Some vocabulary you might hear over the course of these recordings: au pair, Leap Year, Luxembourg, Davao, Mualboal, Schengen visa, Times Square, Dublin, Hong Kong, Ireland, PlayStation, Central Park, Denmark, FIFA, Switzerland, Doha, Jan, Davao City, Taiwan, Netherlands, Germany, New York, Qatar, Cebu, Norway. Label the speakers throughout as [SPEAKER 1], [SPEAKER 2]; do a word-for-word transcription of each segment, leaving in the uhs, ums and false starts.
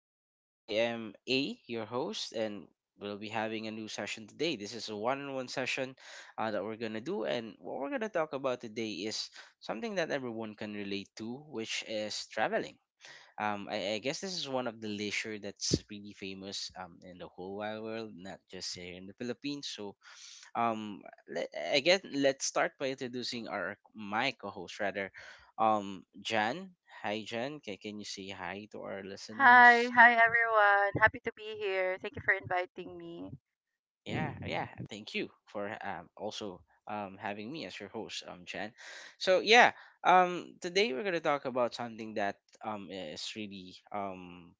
[SPEAKER 1] again. I am A, your host, and we'll be having a new session today. This is a one on one session uh, that we're going to do. And what we're going to talk about today is something that everyone can relate to, which is traveling. Um, I, I guess this is one of the leisure that's really famous um, in the whole wide world, not just here in the Philippines. So, um, let, I guess let's start by introducing our my co-host rather, um, Jan. Hi, Jan. Can can you say hi to our
[SPEAKER 2] Hi,
[SPEAKER 1] listeners?
[SPEAKER 2] hi everyone. Happy to be here. Thank you for inviting me.
[SPEAKER 1] Yeah, yeah. Thank you for um, also, um, having me as your host, um, Jan. So yeah, um, today we're gonna talk about something that um is really, um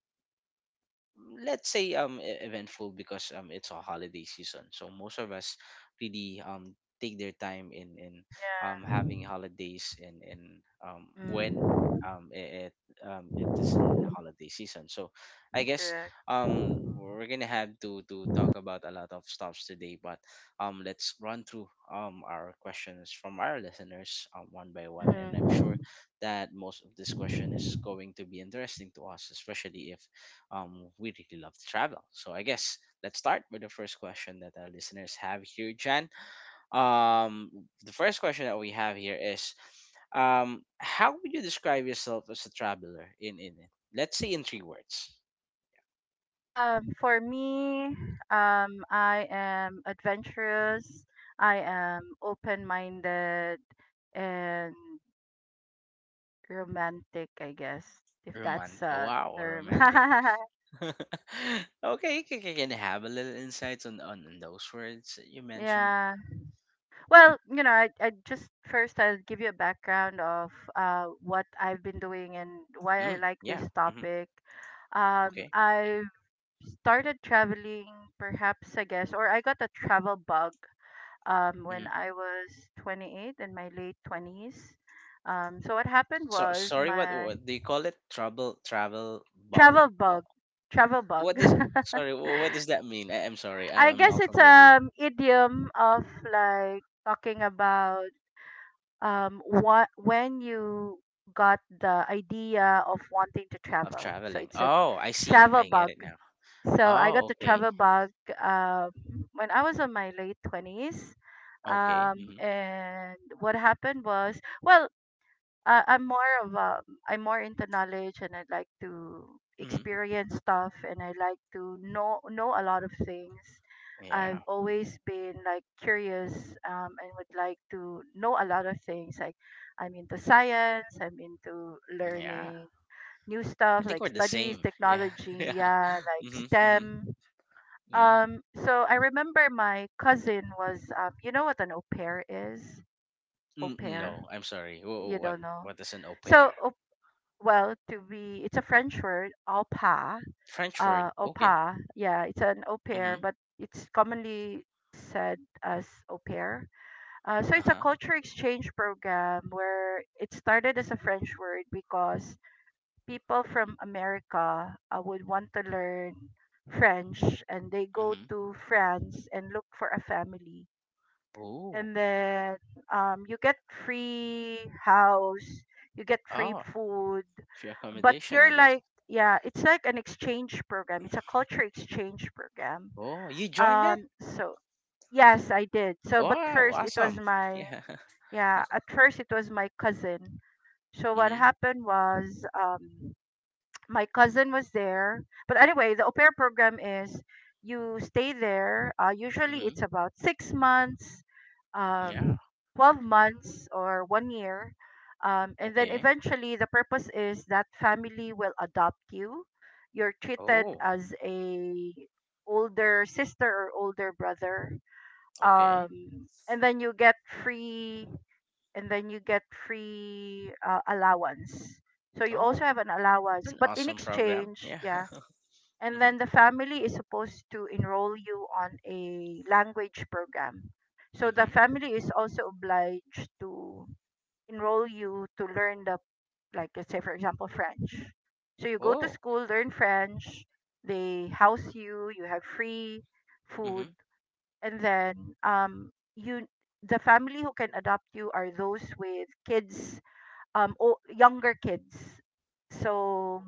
[SPEAKER 1] let's say, um e- eventful because um it's a holiday season, so most of us really, um take their time in in um
[SPEAKER 2] Yeah.
[SPEAKER 1] having holidays, and and um when,
[SPEAKER 2] Mm,
[SPEAKER 1] um it, it um it is in holiday season, so I guess,
[SPEAKER 2] correct.
[SPEAKER 1] um we're gonna have to to talk about a lot of stuffs today. But, um let's run through, um our questions from our listeners um, one by one, and I'm sure
[SPEAKER 2] hmm
[SPEAKER 1] that most of this question is going to be interesting to us, especially if, um, we really love to travel. So I guess let's start with the first question that our listeners have here, Jan. Um, the first question that we have here is, um, how would you describe yourself as a traveler in in let's say, in three words?
[SPEAKER 2] Um, for me, um, I am adventurous. I am open-minded and romantic, I guess, if
[SPEAKER 1] Roman.
[SPEAKER 2] that's
[SPEAKER 1] Oh,
[SPEAKER 2] a
[SPEAKER 1] wow,
[SPEAKER 2] term.
[SPEAKER 1] romantic. okay, can, can can I have a little insights on, on on those words that you mentioned?
[SPEAKER 2] Yeah. Well, you know, I, I just first I'll give you a background of uh, what I've been doing and why I
[SPEAKER 1] Mm,
[SPEAKER 2] like
[SPEAKER 1] yeah.
[SPEAKER 2] this
[SPEAKER 1] hmm
[SPEAKER 2] topic. Um,
[SPEAKER 1] Okay.
[SPEAKER 2] I've started traveling, perhaps I guess, or I got a travel bug um, when
[SPEAKER 1] hmm
[SPEAKER 2] I was twenty-eight in my late twenties. Um, so what happened
[SPEAKER 1] So
[SPEAKER 2] was
[SPEAKER 1] sorry, what,
[SPEAKER 2] my
[SPEAKER 1] what do you call it? Trouble, travel, bump.
[SPEAKER 2] travel bug, travel bug.
[SPEAKER 1] What does, sorry? wh- What does that mean? I, I'm sorry. I'm,
[SPEAKER 2] I
[SPEAKER 1] I'm
[SPEAKER 2] guess
[SPEAKER 1] not
[SPEAKER 2] it's
[SPEAKER 1] familiar with
[SPEAKER 2] um idiom of like talking about um what when you got the idea of wanting to
[SPEAKER 1] of
[SPEAKER 2] travel, so
[SPEAKER 1] traveling.
[SPEAKER 2] it's a
[SPEAKER 1] Oh, I see.
[SPEAKER 2] travel
[SPEAKER 1] I get
[SPEAKER 2] bug.
[SPEAKER 1] it now.
[SPEAKER 2] So I got
[SPEAKER 1] Oh,
[SPEAKER 2] the
[SPEAKER 1] okay.
[SPEAKER 2] travel bug uh, when I was in my late twenties.
[SPEAKER 1] Okay.
[SPEAKER 2] Um
[SPEAKER 1] Mm-hmm.
[SPEAKER 2] and what happened was, well, I, I'm more of um I'm more into knowledge, and I like to
[SPEAKER 1] Mm-hmm.
[SPEAKER 2] experience stuff and I like to know know a lot of things.
[SPEAKER 1] Yeah.
[SPEAKER 2] I've
[SPEAKER 1] hmm
[SPEAKER 2] always been like curious, um, and would like to know a lot of things. Like, I'm into science, I'm into
[SPEAKER 1] Yeah.
[SPEAKER 2] learning new stuff
[SPEAKER 1] I think
[SPEAKER 2] like
[SPEAKER 1] we're the
[SPEAKER 2] studies,
[SPEAKER 1] same. Yeah.
[SPEAKER 2] technology,
[SPEAKER 1] yeah.
[SPEAKER 2] yeah, like
[SPEAKER 1] Mm-hmm. Mm-hmm.
[SPEAKER 2] STEM.
[SPEAKER 1] Yeah.
[SPEAKER 2] Um, so I remember my cousin was, um, you know what an au pair is? Au
[SPEAKER 1] N-
[SPEAKER 2] pair.
[SPEAKER 1] no, I'm sorry. Wh-
[SPEAKER 2] You
[SPEAKER 1] what?
[SPEAKER 2] don't know.
[SPEAKER 1] What is an au pair?
[SPEAKER 2] So, well, to be, it's a French word, au pair.
[SPEAKER 1] French
[SPEAKER 2] Uh,
[SPEAKER 1] word.
[SPEAKER 2] Au
[SPEAKER 1] Okay.
[SPEAKER 2] pair. Yeah, it's an au pair,
[SPEAKER 1] Mm-hmm.
[SPEAKER 2] but it's commonly said as au pair. Uh, so
[SPEAKER 1] Uh
[SPEAKER 2] it's a
[SPEAKER 1] huh.
[SPEAKER 2] culture exchange program, where it started as a French word because people from America uh, would want to learn French, and they go
[SPEAKER 1] Mm-hmm.
[SPEAKER 2] to France and look for a family,
[SPEAKER 1] Oh.
[SPEAKER 2] and then, um, you get free house, you get free
[SPEAKER 1] Oh.
[SPEAKER 2] food,
[SPEAKER 1] Free
[SPEAKER 2] but
[SPEAKER 1] accommodation, I
[SPEAKER 2] you're
[SPEAKER 1] guess.
[SPEAKER 2] like, yeah, it's like an exchange program. It's a culture exchange program.
[SPEAKER 1] Oh, you joined that?
[SPEAKER 2] Um, so yes, I did. So, but
[SPEAKER 1] Wow.
[SPEAKER 2] first it was
[SPEAKER 1] Awesome.
[SPEAKER 2] my,
[SPEAKER 1] Yeah.
[SPEAKER 2] yeah, at first it was my cousin. So what
[SPEAKER 1] Mm-hmm.
[SPEAKER 2] happened was, um, my cousin was there. But anyway, the au pair program is you stay there. Uh, usually
[SPEAKER 1] Mm-hmm.
[SPEAKER 2] it's about six months,
[SPEAKER 1] Yeah.
[SPEAKER 2] um, twelve months, or one year. Um, and then
[SPEAKER 1] Okay.
[SPEAKER 2] eventually, the purpose is that family will adopt you. You're treated
[SPEAKER 1] Oh,
[SPEAKER 2] as a older sister or older brother.
[SPEAKER 1] okay.
[SPEAKER 2] Um, and then you get free, and then you get free uh, allowance. So you also
[SPEAKER 1] Oh,
[SPEAKER 2] have an
[SPEAKER 1] it's
[SPEAKER 2] allowance,
[SPEAKER 1] an
[SPEAKER 2] but in
[SPEAKER 1] awesome program.
[SPEAKER 2] exchange,
[SPEAKER 1] Yeah.
[SPEAKER 2] yeah. And
[SPEAKER 1] mhm.
[SPEAKER 2] then the family is supposed to enroll you on a language program. So the
[SPEAKER 1] Mhm.
[SPEAKER 2] family is also obliged to enroll you to learn the, like, let's say, for example, French. So you go to
[SPEAKER 1] Oh.
[SPEAKER 2] school, learn French, they house you, you have free food,
[SPEAKER 1] Mhm.
[SPEAKER 2] and then um you the family who can adopt you are those with kids, um o- younger kids. So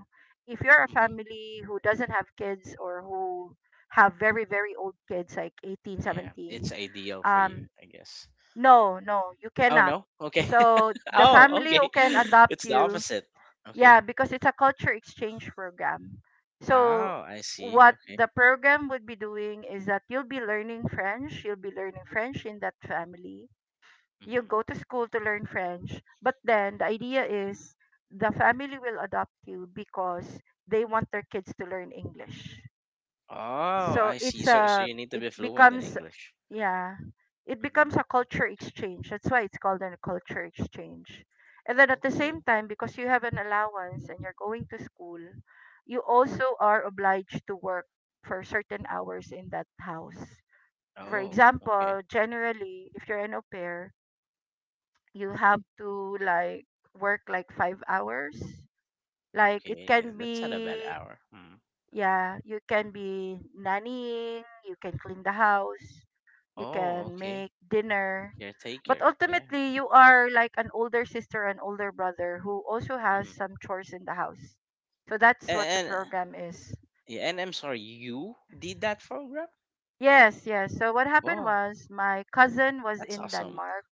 [SPEAKER 2] if you're a
[SPEAKER 1] Mhm.
[SPEAKER 2] family who doesn't have kids, or who have very very old kids like eighteen,
[SPEAKER 1] Yeah, it's
[SPEAKER 2] seventeen,
[SPEAKER 1] ideal for you,
[SPEAKER 2] um
[SPEAKER 1] I guess.
[SPEAKER 2] no, no, you
[SPEAKER 1] Oh
[SPEAKER 2] cannot.
[SPEAKER 1] no. Okay.
[SPEAKER 2] So the
[SPEAKER 1] oh,
[SPEAKER 2] family who
[SPEAKER 1] okay.
[SPEAKER 2] can adopt
[SPEAKER 1] It's the
[SPEAKER 2] you,
[SPEAKER 1] opposite.
[SPEAKER 2] yeah,
[SPEAKER 1] Okay.
[SPEAKER 2] because it's a culture exchange program. So
[SPEAKER 1] Oh, I see.
[SPEAKER 2] what
[SPEAKER 1] Okay.
[SPEAKER 2] the program would be doing is that you'll be learning French, you'll be learning French in that family. You
[SPEAKER 1] Mhm.
[SPEAKER 2] go to school to learn French, but then the idea is the family will adopt you because they want their kids to learn English.
[SPEAKER 1] Oh,
[SPEAKER 2] So
[SPEAKER 1] I see.
[SPEAKER 2] it's
[SPEAKER 1] So so
[SPEAKER 2] a
[SPEAKER 1] you need to
[SPEAKER 2] it
[SPEAKER 1] be fluent in
[SPEAKER 2] becomes,
[SPEAKER 1] English.
[SPEAKER 2] yeah. It
[SPEAKER 1] Mhm.
[SPEAKER 2] becomes a culture exchange. That's why it's called a culture exchange. And then at the same
[SPEAKER 1] Okay.
[SPEAKER 2] time, because you have an allowance and you're going to school, you also are obliged to work for certain hours in that house. For
[SPEAKER 1] Oh, okay.
[SPEAKER 2] example, generally, if you're an au pair, you have to like work like five hours. Like, it
[SPEAKER 1] Okay. Yeah,
[SPEAKER 2] can
[SPEAKER 1] that's not a
[SPEAKER 2] be,
[SPEAKER 1] bad hour. Hmm.
[SPEAKER 2] yeah, you can be nannying, you can clean the house, you
[SPEAKER 1] Oh,
[SPEAKER 2] can
[SPEAKER 1] okay.
[SPEAKER 2] make dinner. But
[SPEAKER 1] Caretaker. Yeah.
[SPEAKER 2] ultimately, you are like an older sister and older brother who also has
[SPEAKER 1] Mhm.
[SPEAKER 2] some chores in the house. So that's what the
[SPEAKER 1] And, and
[SPEAKER 2] program is.
[SPEAKER 1] Yeah, and I'm sorry, you did that program?
[SPEAKER 2] Yes, yes. So what happened
[SPEAKER 1] Wow,
[SPEAKER 2] was my cousin was
[SPEAKER 1] that's
[SPEAKER 2] in
[SPEAKER 1] awesome.
[SPEAKER 2] Denmark.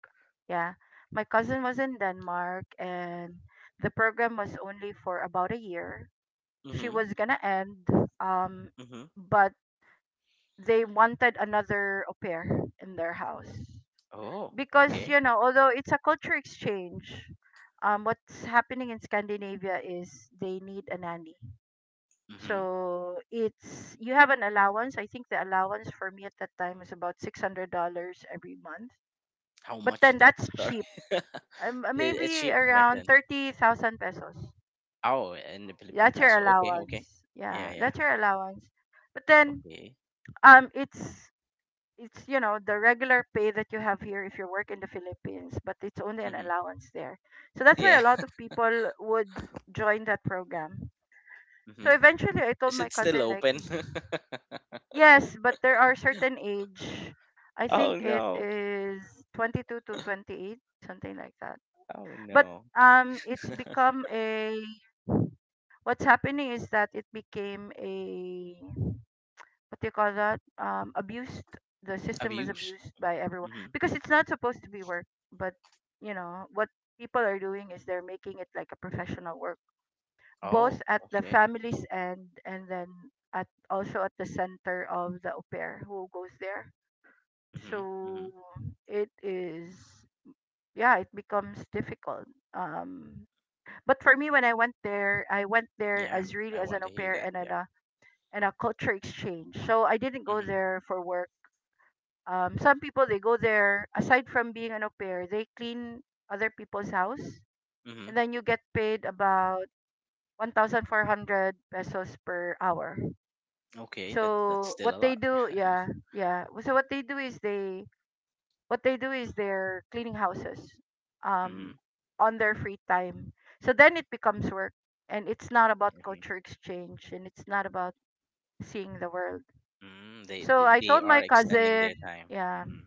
[SPEAKER 2] Yeah, my cousin was in Denmark, and the program was only for about a year. She
[SPEAKER 1] Mm-hmm.
[SPEAKER 2] was gonna end, um,
[SPEAKER 1] Mm-hmm.
[SPEAKER 2] but they wanted another au pair in their house,
[SPEAKER 1] Oh,
[SPEAKER 2] because,
[SPEAKER 1] okay.
[SPEAKER 2] you know, although it's a culture exchange, um what's happening in Scandinavia is they need a nanny.
[SPEAKER 1] Mm-hmm.
[SPEAKER 2] So it's you have an allowance. I think the allowance for me at that time was about six hundred dollars every month,
[SPEAKER 1] How
[SPEAKER 2] but
[SPEAKER 1] much is
[SPEAKER 2] then
[SPEAKER 1] that?
[SPEAKER 2] that's
[SPEAKER 1] Sorry.
[SPEAKER 2] cheap.
[SPEAKER 1] it,
[SPEAKER 2] Um, uh,
[SPEAKER 1] it's
[SPEAKER 2] maybe
[SPEAKER 1] cheap back
[SPEAKER 2] around
[SPEAKER 1] then.
[SPEAKER 2] thirty thousand pesos.
[SPEAKER 1] Oh, in the Philippine
[SPEAKER 2] That's your
[SPEAKER 1] peso. Okay, okay.
[SPEAKER 2] allowance.
[SPEAKER 1] Yeah,
[SPEAKER 2] Yeah,
[SPEAKER 1] yeah.
[SPEAKER 2] that's your allowance. but then
[SPEAKER 1] Okay.
[SPEAKER 2] um it's it's, you know, the regular pay that you have here if you work in the Philippines, but it's only an
[SPEAKER 1] Mm-hmm.
[SPEAKER 2] allowance there. So that's why a
[SPEAKER 1] Yeah.
[SPEAKER 2] lot of people would join that program.
[SPEAKER 1] Mm-hmm.
[SPEAKER 2] So eventually, I told
[SPEAKER 1] Is
[SPEAKER 2] my
[SPEAKER 1] it still
[SPEAKER 2] cousin like,
[SPEAKER 1] open?
[SPEAKER 2] yes, but there are certain age. I think
[SPEAKER 1] oh
[SPEAKER 2] it
[SPEAKER 1] no.
[SPEAKER 2] is twenty-two to twenty-eight, something like that.
[SPEAKER 1] Oh
[SPEAKER 2] But
[SPEAKER 1] no.
[SPEAKER 2] um, it's become a, what's happening is that it became a, what do you call that? Um, abused. The system was
[SPEAKER 1] Abuse.
[SPEAKER 2] abused by everyone
[SPEAKER 1] Mm-hmm.
[SPEAKER 2] because it's not supposed to be work. But you know what people are doing is they're making it like a professional work, both
[SPEAKER 1] Oh,
[SPEAKER 2] at the
[SPEAKER 1] okay.
[SPEAKER 2] family's end, and then at also at the center of the au pair who goes there.
[SPEAKER 1] Mm-hmm. Mm-hmm.
[SPEAKER 2] So it is yeah, it becomes difficult. Um, but for me, when I went there, I went there
[SPEAKER 1] Yeah.
[SPEAKER 2] as really
[SPEAKER 1] I
[SPEAKER 2] as an
[SPEAKER 1] want
[SPEAKER 2] au
[SPEAKER 1] to hear
[SPEAKER 2] pair
[SPEAKER 1] that.
[SPEAKER 2] and an,
[SPEAKER 1] Yeah.
[SPEAKER 2] uh, and a culture exchange. So I didn't go
[SPEAKER 1] Mm-hmm.
[SPEAKER 2] there for work. Um, some people, they go there aside from being an au pair, they clean other people's house,
[SPEAKER 1] Mm-hmm.
[SPEAKER 2] and then you get paid about one thousand four hundred pesos per hour.
[SPEAKER 1] Okay, that that's
[SPEAKER 2] So
[SPEAKER 1] still
[SPEAKER 2] what
[SPEAKER 1] a
[SPEAKER 2] they
[SPEAKER 1] lot.
[SPEAKER 2] do, yeah, yeah. So what they do is they what they do is they're cleaning houses,
[SPEAKER 1] Mm-hmm.
[SPEAKER 2] um, on their free time. So then it becomes work, and it's not about
[SPEAKER 1] Mm-hmm.
[SPEAKER 2] culture exchange, and it's not about seeing the world.
[SPEAKER 1] Mm, they
[SPEAKER 2] So
[SPEAKER 1] they
[SPEAKER 2] I
[SPEAKER 1] they
[SPEAKER 2] told
[SPEAKER 1] are
[SPEAKER 2] my
[SPEAKER 1] extending
[SPEAKER 2] cousin,
[SPEAKER 1] their time.
[SPEAKER 2] Yeah.
[SPEAKER 1] Hmm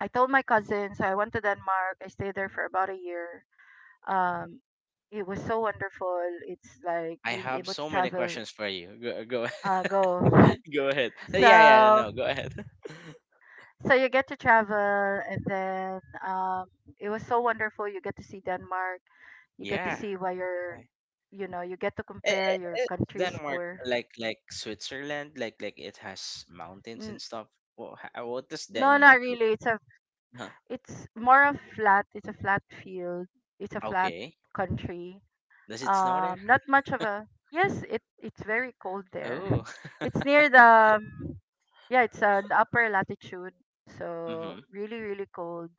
[SPEAKER 2] I told my cousin, so I went to Denmark. I stayed there for about a year. Um, it was so wonderful. It's like
[SPEAKER 1] I
[SPEAKER 2] being
[SPEAKER 1] have
[SPEAKER 2] able to
[SPEAKER 1] so many
[SPEAKER 2] travel.
[SPEAKER 1] questions for you. Go, uh, go,
[SPEAKER 2] Uh, go.
[SPEAKER 1] go ahead. Uh, Yeah, yeah,
[SPEAKER 2] So,
[SPEAKER 1] no, no, go ahead.
[SPEAKER 2] so you get to travel, and then, um, it was so wonderful. You get to see Denmark. You get to
[SPEAKER 1] yeah.
[SPEAKER 2] see why your, you know, you get to
[SPEAKER 1] I-
[SPEAKER 2] compare your
[SPEAKER 1] i- i- Is
[SPEAKER 2] countries
[SPEAKER 1] Denmark
[SPEAKER 2] poor.
[SPEAKER 1] like like Switzerland? Like like it has mountains
[SPEAKER 2] N-
[SPEAKER 1] and stuff. What what does
[SPEAKER 2] no, not
[SPEAKER 1] Denmark look?
[SPEAKER 2] really. It's a,
[SPEAKER 1] Huh.
[SPEAKER 2] it's more of flat. It's a flat field. It's a flat
[SPEAKER 1] Okay.
[SPEAKER 2] country.
[SPEAKER 1] Does it snow there?
[SPEAKER 2] Um, not much of a, yes. It it's very cold there.
[SPEAKER 1] Oh.
[SPEAKER 2] It's near the um, yeah, it's an upper latitude, so
[SPEAKER 1] Mm-hmm.
[SPEAKER 2] really really cold.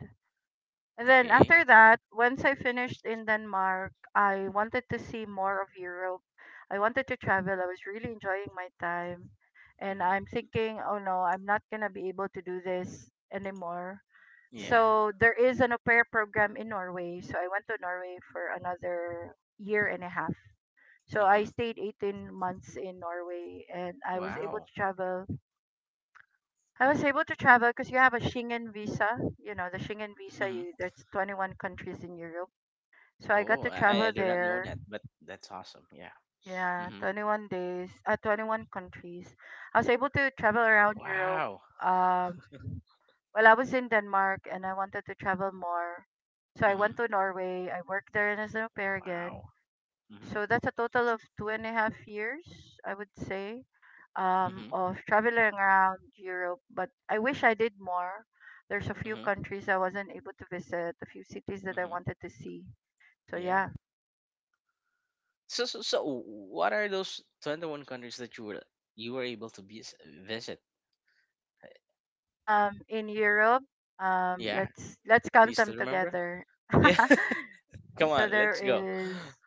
[SPEAKER 2] And then
[SPEAKER 1] Okay.
[SPEAKER 2] after that, once I finished in Denmark, I wanted to see more of Europe. I wanted to travel. I was really enjoying my time, and
[SPEAKER 1] Mm-hmm.
[SPEAKER 2] I'm thinking, oh no, I'm not gonna be able to do this anymore.
[SPEAKER 1] Yeah.
[SPEAKER 2] So there is an au pair program in Norway. So I went to Norway for another year and a half. So I
[SPEAKER 1] Mm-hmm.
[SPEAKER 2] stayed eighteen months in Norway, and I was able
[SPEAKER 1] Wow.
[SPEAKER 2] to travel. I was able to travel because you have a Schengen visa. You know, the Schengen visa,
[SPEAKER 1] Mm-hmm.
[SPEAKER 2] you there's twenty-one countries in Europe. So I got
[SPEAKER 1] Oh,
[SPEAKER 2] to
[SPEAKER 1] I,
[SPEAKER 2] travel
[SPEAKER 1] I do not know
[SPEAKER 2] there.
[SPEAKER 1] that, but that's awesome. Yeah.
[SPEAKER 2] Yeah,
[SPEAKER 1] Mm-hmm.
[SPEAKER 2] twenty-one days, uh, twenty-one countries. I was able to travel around Europe.
[SPEAKER 1] Wow.
[SPEAKER 2] Um, well, I was in Denmark and I wanted to travel more. So I went
[SPEAKER 1] Mhm.
[SPEAKER 2] to Norway. I worked there as an au pair again.
[SPEAKER 1] Wow. Mhm.
[SPEAKER 2] So that's a total of two and a half years, I would say, um,
[SPEAKER 1] Mhm.
[SPEAKER 2] of traveling around Europe. But I wish I did more. There's a few
[SPEAKER 1] Mhm.
[SPEAKER 2] countries I wasn't able to visit, a few cities that I
[SPEAKER 1] Mhm.
[SPEAKER 2] wanted to see. So
[SPEAKER 1] Yeah.
[SPEAKER 2] yeah.
[SPEAKER 1] So so so what are those twenty-one countries that you were, you were able to vis- visit?
[SPEAKER 2] Um, in Europe, um,
[SPEAKER 1] Yeah.
[SPEAKER 2] let's let's
[SPEAKER 1] Do
[SPEAKER 2] count
[SPEAKER 1] you
[SPEAKER 2] them
[SPEAKER 1] still remember?
[SPEAKER 2] together.
[SPEAKER 1] Yeah. Come
[SPEAKER 2] So
[SPEAKER 1] on,
[SPEAKER 2] there
[SPEAKER 1] let's go.
[SPEAKER 2] is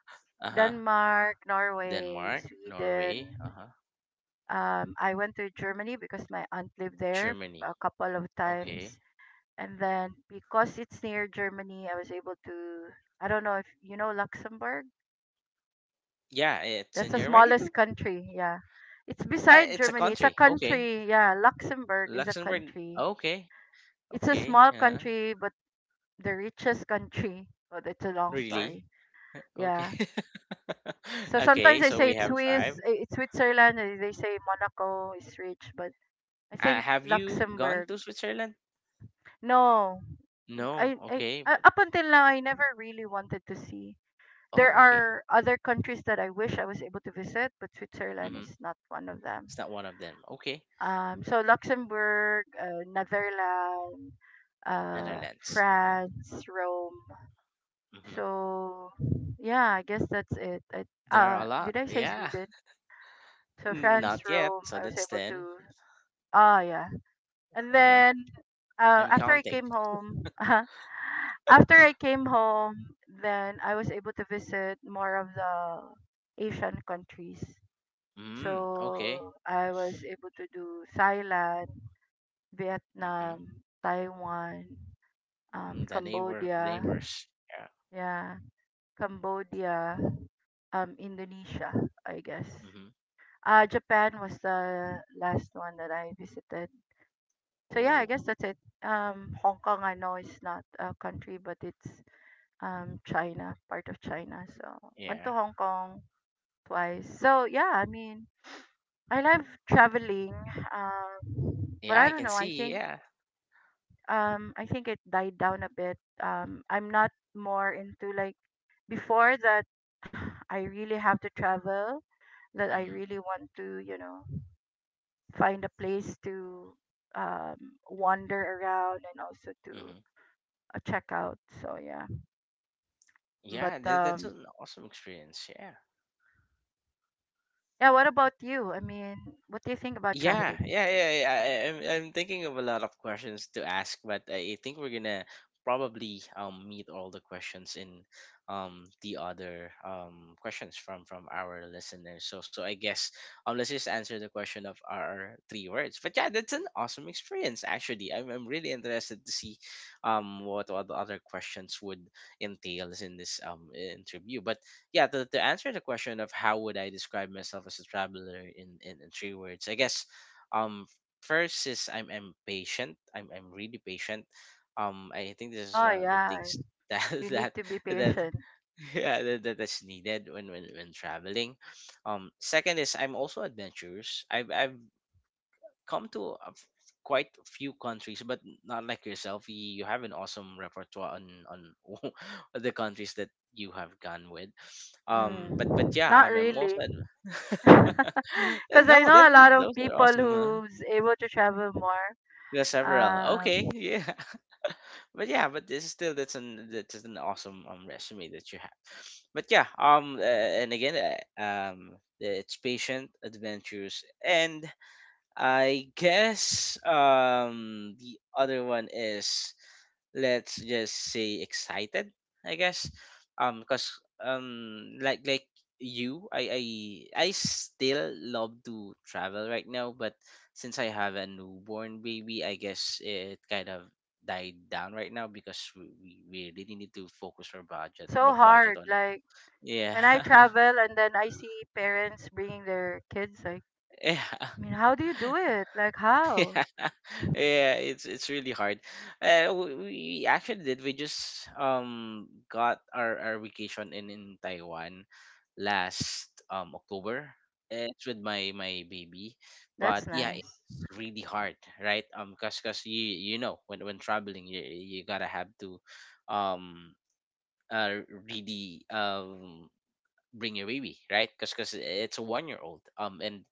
[SPEAKER 1] Uh-huh.
[SPEAKER 2] Denmark, Norway,
[SPEAKER 1] Denmark, Norway,
[SPEAKER 2] Sweden.
[SPEAKER 1] uh-huh.
[SPEAKER 2] Um, I went to Germany because my aunt lived there
[SPEAKER 1] Germany.
[SPEAKER 2] a couple of
[SPEAKER 1] Okay.
[SPEAKER 2] times. And then because it's near Germany, I was able to, I don't know if you know Luxembourg.
[SPEAKER 1] Yeah, it's in
[SPEAKER 2] That's the
[SPEAKER 1] Germany too.
[SPEAKER 2] smallest country. Yeah. It's
[SPEAKER 1] I, it's a
[SPEAKER 2] beside Germany.
[SPEAKER 1] country.
[SPEAKER 2] It's a
[SPEAKER 1] Okay.
[SPEAKER 2] country. Yeah, Luxembourg is a
[SPEAKER 1] Luxembourg.
[SPEAKER 2] country.
[SPEAKER 1] Okay.
[SPEAKER 2] It's a
[SPEAKER 1] Okay.
[SPEAKER 2] small
[SPEAKER 1] Uh,
[SPEAKER 2] country, but the richest country. But it's a long
[SPEAKER 1] really?
[SPEAKER 2] story.
[SPEAKER 1] Okay.
[SPEAKER 2] Yeah. So sometimes
[SPEAKER 1] okay,
[SPEAKER 2] they
[SPEAKER 1] so
[SPEAKER 2] say
[SPEAKER 1] we
[SPEAKER 2] it's
[SPEAKER 1] have five.
[SPEAKER 2] Swiss, eh, it's Switzerland, and they say Monaco is rich, but I
[SPEAKER 1] Uh,
[SPEAKER 2] think
[SPEAKER 1] have you gone
[SPEAKER 2] Luxembourg.
[SPEAKER 1] to Switzerland?
[SPEAKER 2] No,
[SPEAKER 1] No.
[SPEAKER 2] I, I
[SPEAKER 1] Okay,
[SPEAKER 2] uh,
[SPEAKER 1] but
[SPEAKER 2] up until now I never really wanted to see. There
[SPEAKER 1] oh, okay.
[SPEAKER 2] are other countries that I wish I was able to visit, but Switzerland
[SPEAKER 1] Mm-hmm.
[SPEAKER 2] is not one of them.
[SPEAKER 1] It's not one of them. Okay,
[SPEAKER 2] Um, so Luxembourg, uh, Netherlands, uh,
[SPEAKER 1] Netherlands. Uh huh.
[SPEAKER 2] France, Rome.
[SPEAKER 1] Mm-hmm.
[SPEAKER 2] So yeah, I guess that's it. I,
[SPEAKER 1] There are
[SPEAKER 2] uh,
[SPEAKER 1] a lot.
[SPEAKER 2] did I say
[SPEAKER 1] Yeah.
[SPEAKER 2] Sweden? So
[SPEAKER 1] N-
[SPEAKER 2] France,
[SPEAKER 1] Not yet.
[SPEAKER 2] Rome.
[SPEAKER 1] So
[SPEAKER 2] I was
[SPEAKER 1] that's
[SPEAKER 2] able
[SPEAKER 1] ten.
[SPEAKER 2] to. Ah, yeah. And
[SPEAKER 1] Uh huh.
[SPEAKER 2] then, uh,
[SPEAKER 1] I'm
[SPEAKER 2] after I
[SPEAKER 1] counting.
[SPEAKER 2] came home, after I came home, then I was able to visit more of the Asian countries.
[SPEAKER 1] Mm. Okay.
[SPEAKER 2] So I was able to do Thailand,
[SPEAKER 1] Mm-hmm.
[SPEAKER 2] Vietnam, Taiwan, um,
[SPEAKER 1] Mm, the neighbor
[SPEAKER 2] Cambodia,
[SPEAKER 1] neighbors. Yeah.
[SPEAKER 2] yeah, Cambodia, um, Indonesia, I guess.
[SPEAKER 1] Mm-hmm.
[SPEAKER 2] Uh, Japan was the last one that I visited. So yeah, I
[SPEAKER 1] Oh.
[SPEAKER 2] guess that's it. Um, Hong Kong, I know it's not a country, but it's um China, part of China. So went to
[SPEAKER 1] Yeah.
[SPEAKER 2] Hong Kong twice. So yeah, I mean, I love traveling, um, but
[SPEAKER 1] Yeah.
[SPEAKER 2] I
[SPEAKER 1] I
[SPEAKER 2] don't
[SPEAKER 1] can
[SPEAKER 2] know. I
[SPEAKER 1] see.
[SPEAKER 2] think
[SPEAKER 1] Yeah.
[SPEAKER 2] um, I think it died down a bit. Um, I'm not more into like before that. I really have to travel. That I
[SPEAKER 1] Mm-hmm.
[SPEAKER 2] really want to, you know, find a place to um, wander around and also to
[SPEAKER 1] Mm-hmm.
[SPEAKER 2] uh, check out. So yeah,
[SPEAKER 1] Yeah.
[SPEAKER 2] but
[SPEAKER 1] That, that's
[SPEAKER 2] um,
[SPEAKER 1] an awesome experience. Yeah.
[SPEAKER 2] yeah. What about you? I mean, what do you think about
[SPEAKER 1] Yeah,
[SPEAKER 2] traveling?
[SPEAKER 1] yeah, yeah, yeah. I, I'm, I'm thinking of a lot of questions to ask, but I think we're gonna probably, um meet all the questions in, um the other, um questions from from our listeners. So so I guess, um let's just answer the question of our three words. But yeah, that's an awesome experience actually. I'm I'm really interested to see, um what what the other questions would entails in this, um interview. But yeah, to, to answer the question of how would I describe myself as a traveler in in, in three words, I guess, um first is i'm i'm patient, i'm i'm really patient. um I think this is
[SPEAKER 2] Oh
[SPEAKER 1] one of the
[SPEAKER 2] yeah,
[SPEAKER 1] things that,
[SPEAKER 2] you
[SPEAKER 1] that
[SPEAKER 2] need to be
[SPEAKER 1] that
[SPEAKER 2] patient.
[SPEAKER 1] yeah, that, that- that's needed when, when when traveling. um second is I'm also adventurous. I've I've come to a f- Quite a few countries, but not like yourself. You, you have an awesome repertoire on on the countries that you have gone with. Um, but but
[SPEAKER 2] Mm,
[SPEAKER 1] yeah,
[SPEAKER 2] not
[SPEAKER 1] I'm, I'm
[SPEAKER 2] really.
[SPEAKER 1] also ad-
[SPEAKER 2] Because I
[SPEAKER 1] no, that
[SPEAKER 2] know a lot of
[SPEAKER 1] those are
[SPEAKER 2] people
[SPEAKER 1] awesome. Huh?
[SPEAKER 2] who's able to travel more.
[SPEAKER 1] There are several. Okay,
[SPEAKER 2] Um,
[SPEAKER 1] yeah, but yeah, but this is still, that's an that's an awesome, um resume that you have. But yeah, um, uh, and again, uh, um, it's patient, adventurous, and I guess, um the other one is, let's just say, excited, I guess. Um because, um like like you, I I I still love to travel right now, but since I have a newborn baby, I guess it kind of died down right now because we, we we really need to focus our budget
[SPEAKER 2] it's so
[SPEAKER 1] bu- budget
[SPEAKER 2] hard.
[SPEAKER 1] on,
[SPEAKER 2] Like
[SPEAKER 1] yeah,
[SPEAKER 2] when I travel and then I see parents bringing their kids, like,
[SPEAKER 1] yeah
[SPEAKER 2] I mean, how do you do it? Like, how?
[SPEAKER 1] yeah, yeah, it's it's really hard. Uh, we, we actually did. We just, um got our, our vacation in in Taiwan last, um October. Uh, It's with my my baby, but
[SPEAKER 2] That's
[SPEAKER 1] yeah,
[SPEAKER 2] nice.
[SPEAKER 1] it's really hard, right? Um, cause, cause you you know when when traveling, you you gotta have to, um uh really um bring your baby, right? Because it's a one year old. Um, and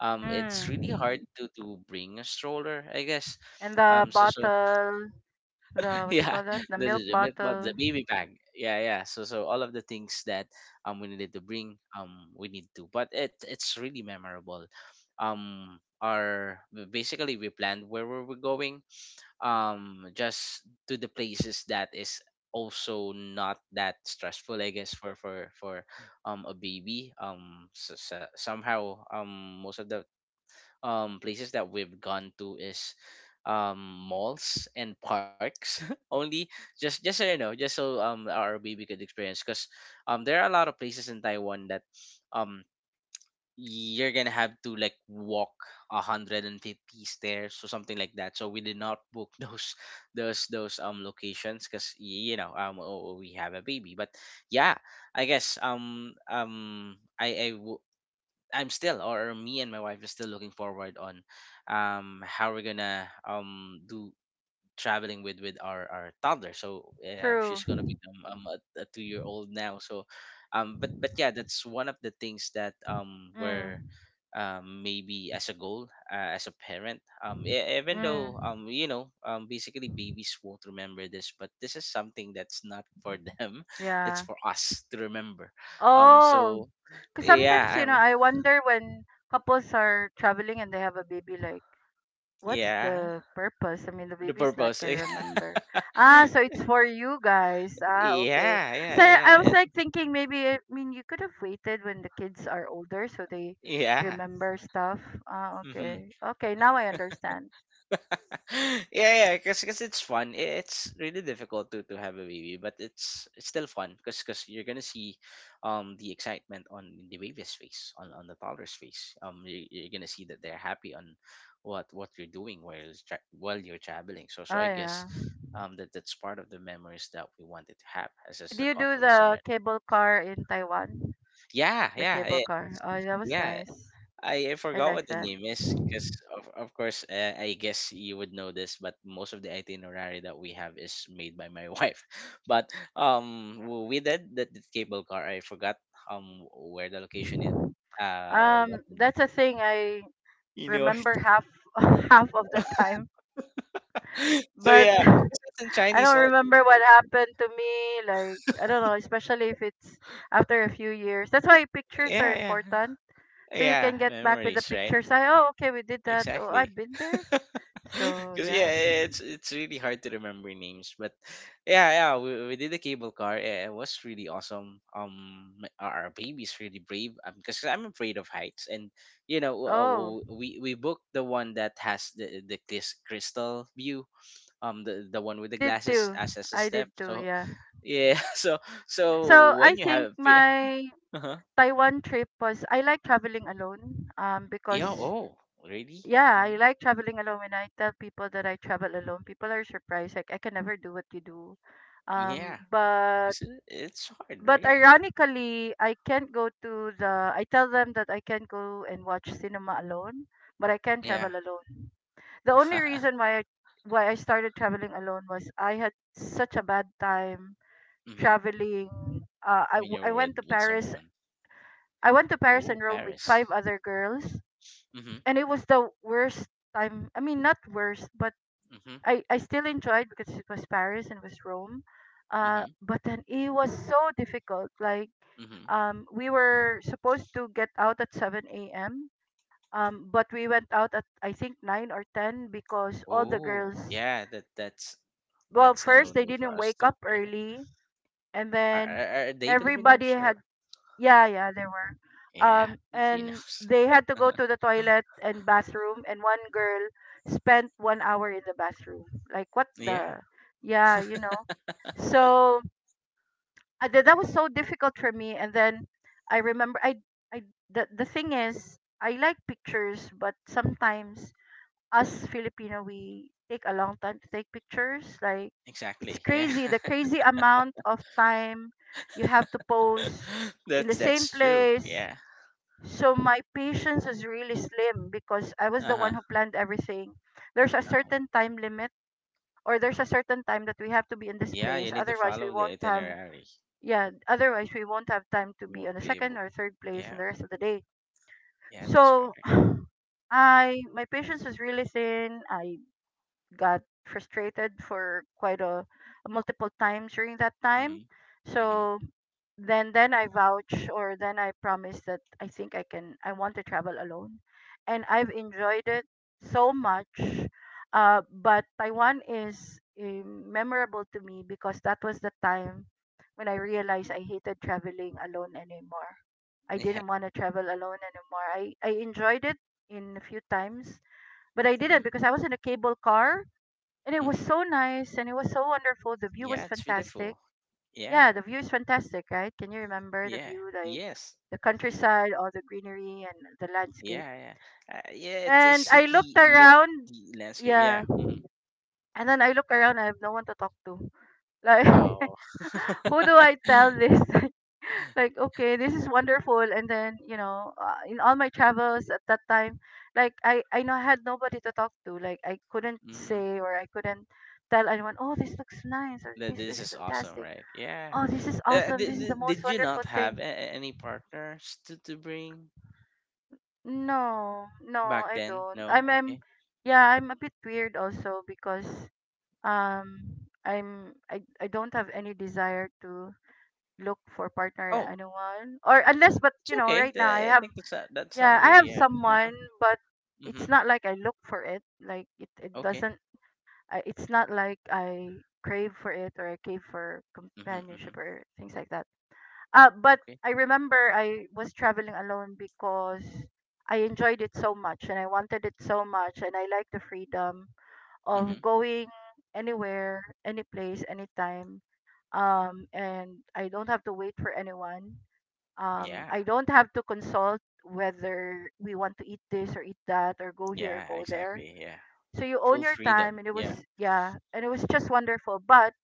[SPEAKER 1] um, it's really
[SPEAKER 2] Mm.
[SPEAKER 1] hard to to bring a stroller, I guess.
[SPEAKER 2] And the
[SPEAKER 1] Um, so so
[SPEAKER 2] bottle, the what do you
[SPEAKER 1] yeah,
[SPEAKER 2] call that? The
[SPEAKER 1] the
[SPEAKER 2] milk
[SPEAKER 1] the, the milk bot, the
[SPEAKER 2] bottle.
[SPEAKER 1] baby bag, yeah, yeah. So so all of the things that, um we needed to bring, um we need to, but it it's really memorable. Um, our b- basically, we planned where were we going, um just to the places that is also not that stressful, I guess, for for for um a baby. Um so, so- somehow, um most of the, um places that we've gone to is, um malls and parks only, just just so you know, just so, um our baby could experience. Because, um there are a lot of places in Taiwan that, um you're gonna have to like walk one hundred fifty stairs or something like that, so we did not book those, those those um locations because, you know, um oh, oh, we have a baby. But yeah I guess um um I I w- I'm still, or me and my wife is still looking forward on, um how we're gonna, um do traveling with, with our our toddler. So, um,
[SPEAKER 2] True.
[SPEAKER 1] she's gonna become, um, a, a two year old now. So, um but but yeah, that's one of the things that um were
[SPEAKER 2] Mm.
[SPEAKER 1] um maybe as a goal, uh, as a parent. Um e- even though,
[SPEAKER 2] Mm.
[SPEAKER 1] um you know, um basically babies won't remember this, but this is something that's not for them. it's
[SPEAKER 2] Yeah.
[SPEAKER 1] for us to remember. um
[SPEAKER 2] Oh,
[SPEAKER 1] so
[SPEAKER 2] because sometimes
[SPEAKER 1] yeah
[SPEAKER 2] you know
[SPEAKER 1] um,
[SPEAKER 2] I wonder when couples are traveling and they have a baby, like, what's
[SPEAKER 1] yeah,
[SPEAKER 2] the purpose? I mean, the
[SPEAKER 1] the
[SPEAKER 2] baby's not
[SPEAKER 1] purpose, yeah,
[SPEAKER 2] gonna remember. Ah, so it's for you guys. Ah, okay.
[SPEAKER 1] yeah,
[SPEAKER 2] So
[SPEAKER 1] yeah,
[SPEAKER 2] I
[SPEAKER 1] yeah,
[SPEAKER 2] I was
[SPEAKER 1] it,
[SPEAKER 2] like thinking maybe I mean you could have waited when the kids are older so they
[SPEAKER 1] yeah,
[SPEAKER 2] remember stuff. Ah,
[SPEAKER 1] mhm.
[SPEAKER 2] okay. Okay, now I understand.
[SPEAKER 1] yeah, yeah, cause, 'cause it's fun. I- It's really difficult to, to have a baby, but it's it's still fun because cause 'cause you're gonna see, um, the excitement on the baby's face, on, on the toddler's face. Um, you, you're gonna see that they're happy on what what you're doing while you're tra- while you're traveling. So
[SPEAKER 2] Oh
[SPEAKER 1] so I guess,
[SPEAKER 2] yeah.
[SPEAKER 1] um, that that's part of the memories that we wanted to have as as
[SPEAKER 2] Did
[SPEAKER 1] a
[SPEAKER 2] you do
[SPEAKER 1] couple, as a
[SPEAKER 2] the
[SPEAKER 1] mar-
[SPEAKER 2] cable car in Taiwan?
[SPEAKER 1] yeah,
[SPEAKER 2] The
[SPEAKER 1] yeah,
[SPEAKER 2] cable
[SPEAKER 1] eh,
[SPEAKER 2] car. Oh, that was
[SPEAKER 1] yeah.
[SPEAKER 2] nice.
[SPEAKER 1] I, I
[SPEAKER 2] I
[SPEAKER 1] forgot what
[SPEAKER 2] like
[SPEAKER 1] the
[SPEAKER 2] that.
[SPEAKER 1] name is because, of, of course, uh, I guess you would know this, but most of the itinerary that we have is made by my wife. But, um w- we did that the cable car. I forgot, um where the location is, uh or what
[SPEAKER 2] Um,
[SPEAKER 1] the name.
[SPEAKER 2] that's a thing I
[SPEAKER 1] you know it.
[SPEAKER 2] remember half half of the time,
[SPEAKER 1] so
[SPEAKER 2] but
[SPEAKER 1] yeah, it's in
[SPEAKER 2] I
[SPEAKER 1] Chinese
[SPEAKER 2] don't
[SPEAKER 1] also.
[SPEAKER 2] remember what happened to me. Like, I don't know, especially if it's after a few years. That's why pictures are
[SPEAKER 1] Yeah,
[SPEAKER 2] important.
[SPEAKER 1] yeah,
[SPEAKER 2] So you
[SPEAKER 1] yeah,
[SPEAKER 2] can get back with the
[SPEAKER 1] memories, right?
[SPEAKER 2] pictures. I, oh, okay, we did that. Oh,
[SPEAKER 1] Exactly.
[SPEAKER 2] I've been there. So,
[SPEAKER 1] Because
[SPEAKER 2] yeah.
[SPEAKER 1] yeah, eh, it's it's really hard to remember names, but yeah, yeah, we, we did the cable car. eh, It was really awesome. Um, my- our our baby's really brave. Um, because I'm afraid of heights, and you know, w- uh,
[SPEAKER 2] Oh,
[SPEAKER 1] w- we we booked the one that has the the clis- crystal view. Um, the the one with
[SPEAKER 2] I
[SPEAKER 1] the
[SPEAKER 2] did
[SPEAKER 1] glasses
[SPEAKER 2] too.
[SPEAKER 1] as as a
[SPEAKER 2] I
[SPEAKER 1] step.
[SPEAKER 2] did too,
[SPEAKER 1] So
[SPEAKER 2] yeah.
[SPEAKER 1] yeah, so so
[SPEAKER 2] So, I
[SPEAKER 1] when you
[SPEAKER 2] think
[SPEAKER 1] have fear,
[SPEAKER 2] my
[SPEAKER 1] uh-huh.
[SPEAKER 2] Taiwan trip was, I like traveling alone um,
[SPEAKER 1] Yeah,
[SPEAKER 2] because,
[SPEAKER 1] oh, really?
[SPEAKER 2] yeah, I
[SPEAKER 1] Mhm.
[SPEAKER 2] like traveling alone. When I tell people that I travel alone, people are surprised. Like, I can never do what you do. Um,
[SPEAKER 1] Yeah,
[SPEAKER 2] but
[SPEAKER 1] it's it's hard.
[SPEAKER 2] but
[SPEAKER 1] Yeah,
[SPEAKER 2] ironically, I can't go to the. I tell them that I can't go and watch cinema alone, but I can
[SPEAKER 1] yeah.
[SPEAKER 2] travel alone. The only reason why I why I started traveling alone was I had such a bad time
[SPEAKER 1] Hmm.
[SPEAKER 2] traveling. Uh, I
[SPEAKER 1] When
[SPEAKER 2] w- I
[SPEAKER 1] you're with
[SPEAKER 2] went to
[SPEAKER 1] with
[SPEAKER 2] Paris.
[SPEAKER 1] someone.
[SPEAKER 2] I went to Paris
[SPEAKER 1] Ooh,
[SPEAKER 2] and Rome with
[SPEAKER 1] Paris.
[SPEAKER 2] five other girls,
[SPEAKER 1] Mm-hmm.
[SPEAKER 2] and it was the worst time. I mean, not worst, but
[SPEAKER 1] Mm-hmm.
[SPEAKER 2] I I still enjoyed because it was Paris and it was Rome. Uh,
[SPEAKER 1] Mm-hmm.
[SPEAKER 2] but then it was so difficult. Like
[SPEAKER 1] Mm-hmm.
[SPEAKER 2] um, we were supposed to get out at seven a m. Um, but we went out at I think nine or ten because all the
[SPEAKER 1] Oh,
[SPEAKER 2] girls,
[SPEAKER 1] yeah. That that's
[SPEAKER 2] well,
[SPEAKER 1] that's a
[SPEAKER 2] first they
[SPEAKER 1] no-no for
[SPEAKER 2] didn't
[SPEAKER 1] us
[SPEAKER 2] wake
[SPEAKER 1] too.
[SPEAKER 2] up
[SPEAKER 1] Yeah.
[SPEAKER 2] early, and
[SPEAKER 1] Are
[SPEAKER 2] then
[SPEAKER 1] are, are they
[SPEAKER 2] everybody
[SPEAKER 1] Filipinos or?
[SPEAKER 2] had, yeah, yeah, there were.
[SPEAKER 1] Yeah,
[SPEAKER 2] Um, and
[SPEAKER 1] Filipinos.
[SPEAKER 2] they had to go to the toilet and bathroom, and one girl spent one hour in the bathroom. Like, what
[SPEAKER 1] Yeah,
[SPEAKER 2] the? Yeah, you know. So I, that that was so difficult for me. And then I remember I I the the thing is I like pictures, but sometimes us Filipino we take a long time to take pictures. Like it's
[SPEAKER 1] exactly. Yeah,
[SPEAKER 2] crazy, the crazy amount of time you have to pose in
[SPEAKER 1] that's
[SPEAKER 2] the same
[SPEAKER 1] that's true.
[SPEAKER 2] place.
[SPEAKER 1] Yeah.
[SPEAKER 2] So my patience is really slim because I was
[SPEAKER 1] Uh
[SPEAKER 2] the
[SPEAKER 1] huh.
[SPEAKER 2] one who planned everything. There's a
[SPEAKER 1] Uh-huh.
[SPEAKER 2] certain time limit or there's a certain time that we have to be in this
[SPEAKER 1] Yeah, you
[SPEAKER 2] place,
[SPEAKER 1] need to
[SPEAKER 2] otherwise we
[SPEAKER 1] follow the
[SPEAKER 2] won't have
[SPEAKER 1] itinerary.
[SPEAKER 2] yeah otherwise we won't have time to
[SPEAKER 1] You
[SPEAKER 2] be
[SPEAKER 1] won't
[SPEAKER 2] on the
[SPEAKER 1] be
[SPEAKER 2] second
[SPEAKER 1] able.
[SPEAKER 2] or third place in
[SPEAKER 1] Yeah.
[SPEAKER 2] the rest of the day.
[SPEAKER 1] Yeah, that's correct.
[SPEAKER 2] So I, my patience was really thin. I got frustrated for quite a, multiple times during that time.
[SPEAKER 1] Mm-hmm. Mm-hmm.
[SPEAKER 2] So then then I vouch or then I promise that I think I can, I want to travel alone, and I've enjoyed it so much. Uh but Taiwan is um, memorable to me because that was the time when I realized I hated traveling alone anymore. I
[SPEAKER 1] Yeah.
[SPEAKER 2] didn't want to travel alone anymore. I I enjoyed it in a few times, but I didn't,
[SPEAKER 1] Mm-hmm.
[SPEAKER 2] because I was in a cable car and it was
[SPEAKER 1] Mm-hmm.
[SPEAKER 2] so nice and it was so wonderful, the view was
[SPEAKER 1] Yeah, it's
[SPEAKER 2] fantastic.
[SPEAKER 1] beautiful. Yeah.
[SPEAKER 2] Yeah, the view is fantastic, right? Can you remember the
[SPEAKER 1] Yeah.
[SPEAKER 2] view, like
[SPEAKER 1] Yes.
[SPEAKER 2] the countryside, all the greenery and the landscape?
[SPEAKER 1] Yeah. Yeah. Uh, yeah. It's a
[SPEAKER 2] And I looked
[SPEAKER 1] city mid
[SPEAKER 2] around,
[SPEAKER 1] the landscape.
[SPEAKER 2] yeah,
[SPEAKER 1] Yeah. Hmm.
[SPEAKER 2] and then I look around, I have no one to talk to. Like,
[SPEAKER 1] Oh.
[SPEAKER 2] who do I tell this? Like, okay, this is wonderful. And then, you know, uh, in all my travels at that time, like, I, I know I had nobody to talk to. Like, I couldn't
[SPEAKER 1] Hmm.
[SPEAKER 2] say or I couldn't tell anyone, oh, this looks nice or this
[SPEAKER 1] This
[SPEAKER 2] looks
[SPEAKER 1] is awesome,
[SPEAKER 2] fantastic.
[SPEAKER 1] right? Yeah.
[SPEAKER 2] Oh, this is
[SPEAKER 1] Uh,
[SPEAKER 2] awesome. This
[SPEAKER 1] did,
[SPEAKER 2] is the
[SPEAKER 1] did
[SPEAKER 2] most
[SPEAKER 1] did you
[SPEAKER 2] wonderful
[SPEAKER 1] not have
[SPEAKER 2] thing.
[SPEAKER 1] a- a- any partners to, to bring
[SPEAKER 2] No, no,
[SPEAKER 1] back
[SPEAKER 2] I
[SPEAKER 1] then?
[SPEAKER 2] don't. I'm
[SPEAKER 1] No.
[SPEAKER 2] I'm
[SPEAKER 1] Okay.
[SPEAKER 2] yeah, I'm a bit weird also because um I'm I, I don't have any desire to look for partner
[SPEAKER 1] Oh,
[SPEAKER 2] anyone or unless but
[SPEAKER 1] it's
[SPEAKER 2] you know
[SPEAKER 1] okay.
[SPEAKER 2] right now I
[SPEAKER 1] Th- I
[SPEAKER 2] have
[SPEAKER 1] think that's not that's not
[SPEAKER 2] yeah, I
[SPEAKER 1] weird.
[SPEAKER 2] have
[SPEAKER 1] Yeah.
[SPEAKER 2] someone but it's
[SPEAKER 1] Mm-hmm.
[SPEAKER 2] not like I look for it, like it it
[SPEAKER 1] Okay.
[SPEAKER 2] doesn't I, it's not like I crave for it or I crave for
[SPEAKER 1] Mm-hmm. Mm-hmm.
[SPEAKER 2] companionship or things like that. Uh, but
[SPEAKER 1] Okay.
[SPEAKER 2] I remember I was traveling alone because I enjoyed it so much and I wanted it so much and I like the freedom
[SPEAKER 1] Mm-hmm.
[SPEAKER 2] of going anywhere, any place, anytime. Um, and I don't have to wait for anyone. Um,
[SPEAKER 1] Yeah.
[SPEAKER 2] I don't have to consult whether we want to eat this or eat that or go here or
[SPEAKER 1] Yeah.
[SPEAKER 2] go there.
[SPEAKER 1] Exactly. Yeah.
[SPEAKER 2] So you own
[SPEAKER 1] Full
[SPEAKER 2] your time
[SPEAKER 1] freedom.
[SPEAKER 2] and it
[SPEAKER 1] Yeah.
[SPEAKER 2] was yeah, and it was just wonderful. But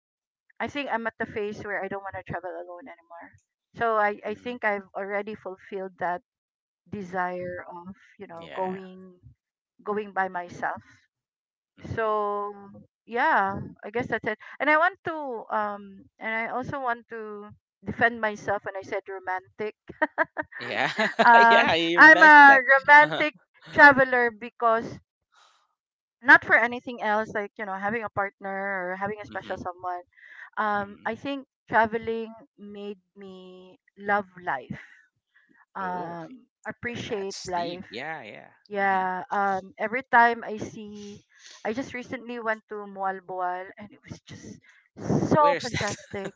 [SPEAKER 2] I think I'm at the phase where I don't want to travel alone anymore. So I, I
[SPEAKER 1] Mm-hmm.
[SPEAKER 2] think I've already fulfilled that desire of, you know,
[SPEAKER 1] Yeah.
[SPEAKER 2] going going by myself.
[SPEAKER 1] Mm-hmm.
[SPEAKER 2] So yeah, I guess that's it. And I want to um and I also want to defend myself when I said romantic.
[SPEAKER 1] Yeah,
[SPEAKER 2] Um,
[SPEAKER 1] yeah, you
[SPEAKER 2] I'm
[SPEAKER 1] mentioned
[SPEAKER 2] a
[SPEAKER 1] that. Uh-huh.
[SPEAKER 2] romantic traveler because not for anything else like, you know, having a partner or having a
[SPEAKER 1] Mm-hmm.
[SPEAKER 2] special someone, um,
[SPEAKER 1] Mm-hmm.
[SPEAKER 2] I think traveling made me love life,
[SPEAKER 1] Oh,
[SPEAKER 2] um,
[SPEAKER 1] that,
[SPEAKER 2] appreciate
[SPEAKER 1] that's
[SPEAKER 2] life.
[SPEAKER 1] deep. Yeah, yeah. Mm-hmm.
[SPEAKER 2] Yeah, um, every time I see, I just recently went to Mualboal and it was just so
[SPEAKER 1] Where is that?
[SPEAKER 2] fantastic.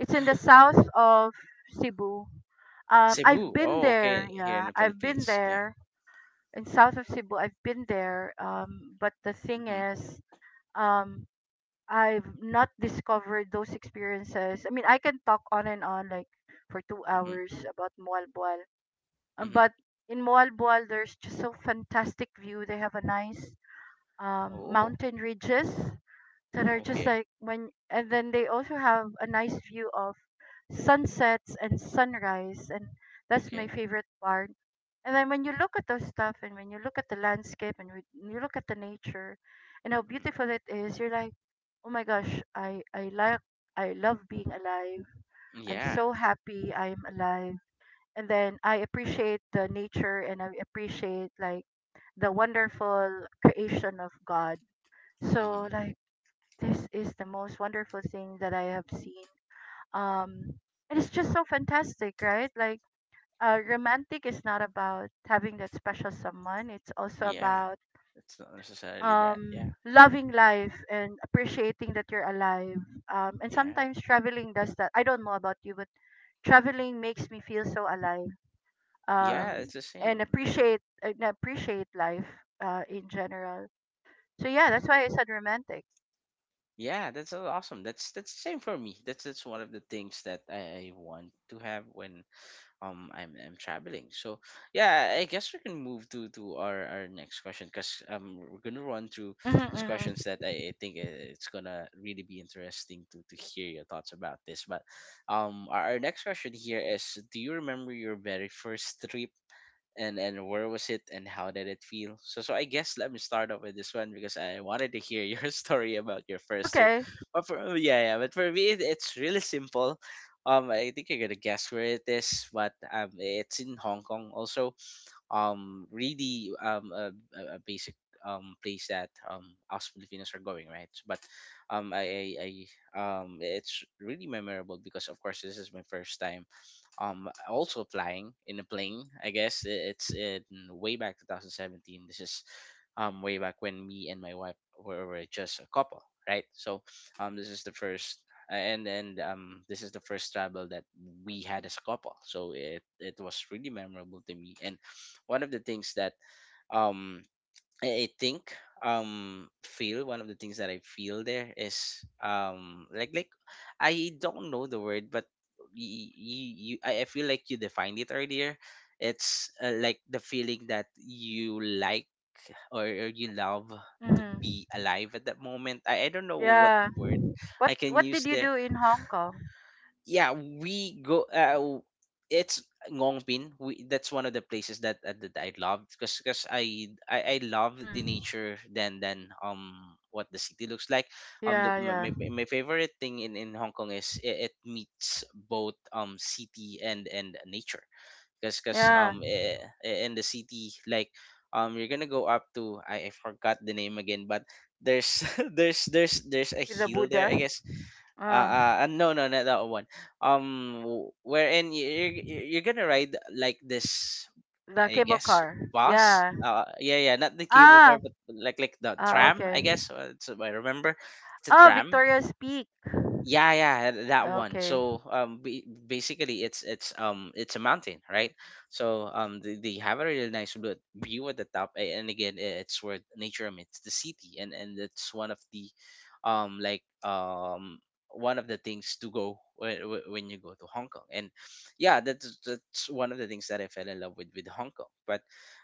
[SPEAKER 2] It's in the south of Cebu. Um, I've
[SPEAKER 1] Cebu.
[SPEAKER 2] been
[SPEAKER 1] Oh, okay.
[SPEAKER 2] there,
[SPEAKER 1] Here in
[SPEAKER 2] yeah,
[SPEAKER 1] the
[SPEAKER 2] I've been
[SPEAKER 1] Philippines. Yeah.
[SPEAKER 2] there in south of Cebu. I've been there, um, but the thing
[SPEAKER 1] Mm-hmm.
[SPEAKER 2] is, um, I've not discovered those experiences. I mean, I can talk on and on like for two
[SPEAKER 1] Mm-hmm.
[SPEAKER 2] hours about Mualbual. Um,
[SPEAKER 1] Mm-hmm.
[SPEAKER 2] but in Mualbual, there's just so fantastic view. They have a nice um,
[SPEAKER 1] Oh,
[SPEAKER 2] mountain ridges that are just
[SPEAKER 1] okay.
[SPEAKER 2] like when, and then they also have a nice view of sunsets and sunrise, and that's my
[SPEAKER 1] Okay.
[SPEAKER 2] favorite part. And then when you look at those stuff and when you look at the landscape and when you look at the nature and how
[SPEAKER 1] Mm-hmm.
[SPEAKER 2] beautiful it is, you're like, oh my gosh, I, I like, I love being alive. I'm
[SPEAKER 1] Yeah.
[SPEAKER 2] so happy I'm alive. And then I appreciate the nature and I appreciate like the wonderful creation of God. So
[SPEAKER 1] Mm-hmm.
[SPEAKER 2] like this is the most wonderful thing that I have seen. Um, and it's just so fantastic, right? Like uh, romantic is not about having that special someone. It's also
[SPEAKER 1] Yeah.
[SPEAKER 2] about
[SPEAKER 1] It's not necessarily that.
[SPEAKER 2] um,
[SPEAKER 1] Yeah.
[SPEAKER 2] loving life and appreciating that you're alive. Um, and
[SPEAKER 1] Yeah.
[SPEAKER 2] sometimes traveling does that. I don't know about you, but traveling makes me feel so alive
[SPEAKER 1] Yeah.
[SPEAKER 2] um,
[SPEAKER 1] It's the
[SPEAKER 2] and
[SPEAKER 1] same. Mhm.
[SPEAKER 2] appreciate and appreciate life uh, in general. So yeah, that's why I said romantic.
[SPEAKER 1] Yeah, that's a- awesome. That's that's the same for me. That's that's one of the things that I, I want to have when um I'm I'm traveling. So yeah, I guess we can move to to our our next question because um we're gonna run through
[SPEAKER 2] Mm-hmm,
[SPEAKER 1] these
[SPEAKER 2] mm-hmm.
[SPEAKER 1] questions that I, I think i- it's gonna really be interesting to to hear your thoughts about this. But um our, our next question here is: do you remember your very first trip and and where was it, and how did it feel? So so I guess let me start off with this one because I wanted to hear your story about your first trip
[SPEAKER 2] Okay.
[SPEAKER 1] but for oh, yeah, yeah. But for me it, it's really simple. Um i think you're gonna guess where it is, but um it's in Hong Kong also. Um really, um a, a a basic um place that um us Filipinos are going, right? But um I, I i um it's really memorable because of course this is my first time um also flying in a plane. I guess i- it's in way back twenty seventeen. This is um way back when me and my wife were, were just a couple, right? So um this is the first and and um this is the first travel that we had as a couple, so it it was really memorable to me. And one of the things that um I I think um feel one of the things that I feel there is um like like I don't know the word, but you, you, I I feel like you defined it earlier. It's uh, like the feeling that you like, or, or you love to
[SPEAKER 2] Mm-hmm.
[SPEAKER 1] be alive at that moment. I, I don't know what
[SPEAKER 2] Yeah.
[SPEAKER 1] word
[SPEAKER 2] What
[SPEAKER 1] I can
[SPEAKER 2] What did
[SPEAKER 1] use
[SPEAKER 2] you
[SPEAKER 1] there.
[SPEAKER 2] do in Hong Kong?
[SPEAKER 1] Yeah, we go, uh, w- it's Ngongbin. We, that's one of the places that uh, that I loved, because because I, I I love the
[SPEAKER 2] Mm.
[SPEAKER 1] nature than than um what the city looks like. Um, the,
[SPEAKER 2] Yeah,
[SPEAKER 1] my,
[SPEAKER 2] yeah,
[SPEAKER 1] my my favorite thing in in Hong Kong is it, it meets both um city and and nature, because because
[SPEAKER 2] yeah.
[SPEAKER 1] um eh, eh, in the city, like um you're gonna go up to, I, I forgot the name again, but there's there's there's there's a
[SPEAKER 2] With the
[SPEAKER 1] hill there, I
[SPEAKER 2] Buddha.
[SPEAKER 1] guess. uh,
[SPEAKER 2] Ah,
[SPEAKER 1] uh no, no, not that one. Um w- wherein you're you're you're gonna ride like this,
[SPEAKER 2] the
[SPEAKER 1] I
[SPEAKER 2] cable
[SPEAKER 1] guess,
[SPEAKER 2] car.
[SPEAKER 1] bus
[SPEAKER 2] Yeah.
[SPEAKER 1] uh yeah, yeah, not the cable
[SPEAKER 2] Ah,
[SPEAKER 1] car, but like like the
[SPEAKER 2] ah,
[SPEAKER 1] tram, I
[SPEAKER 2] okay.
[SPEAKER 1] guess. Uh, it's, I remember it's a
[SPEAKER 2] Oh,
[SPEAKER 1] tram.
[SPEAKER 2] Victoria's Peak.
[SPEAKER 1] Yeah, yeah, th- that one.
[SPEAKER 2] Okay.
[SPEAKER 1] So um, ba- basically, it's it's um it's a mountain, right? So um, they, they have a really nice bl- view at the top, a- and again, i- it's where nature meets the city, and and it's one of the, um, like um, one of the things to go when, when you go to Hong Kong, and yeah, that's that's one of the things that I fell in love with with Hong Kong. But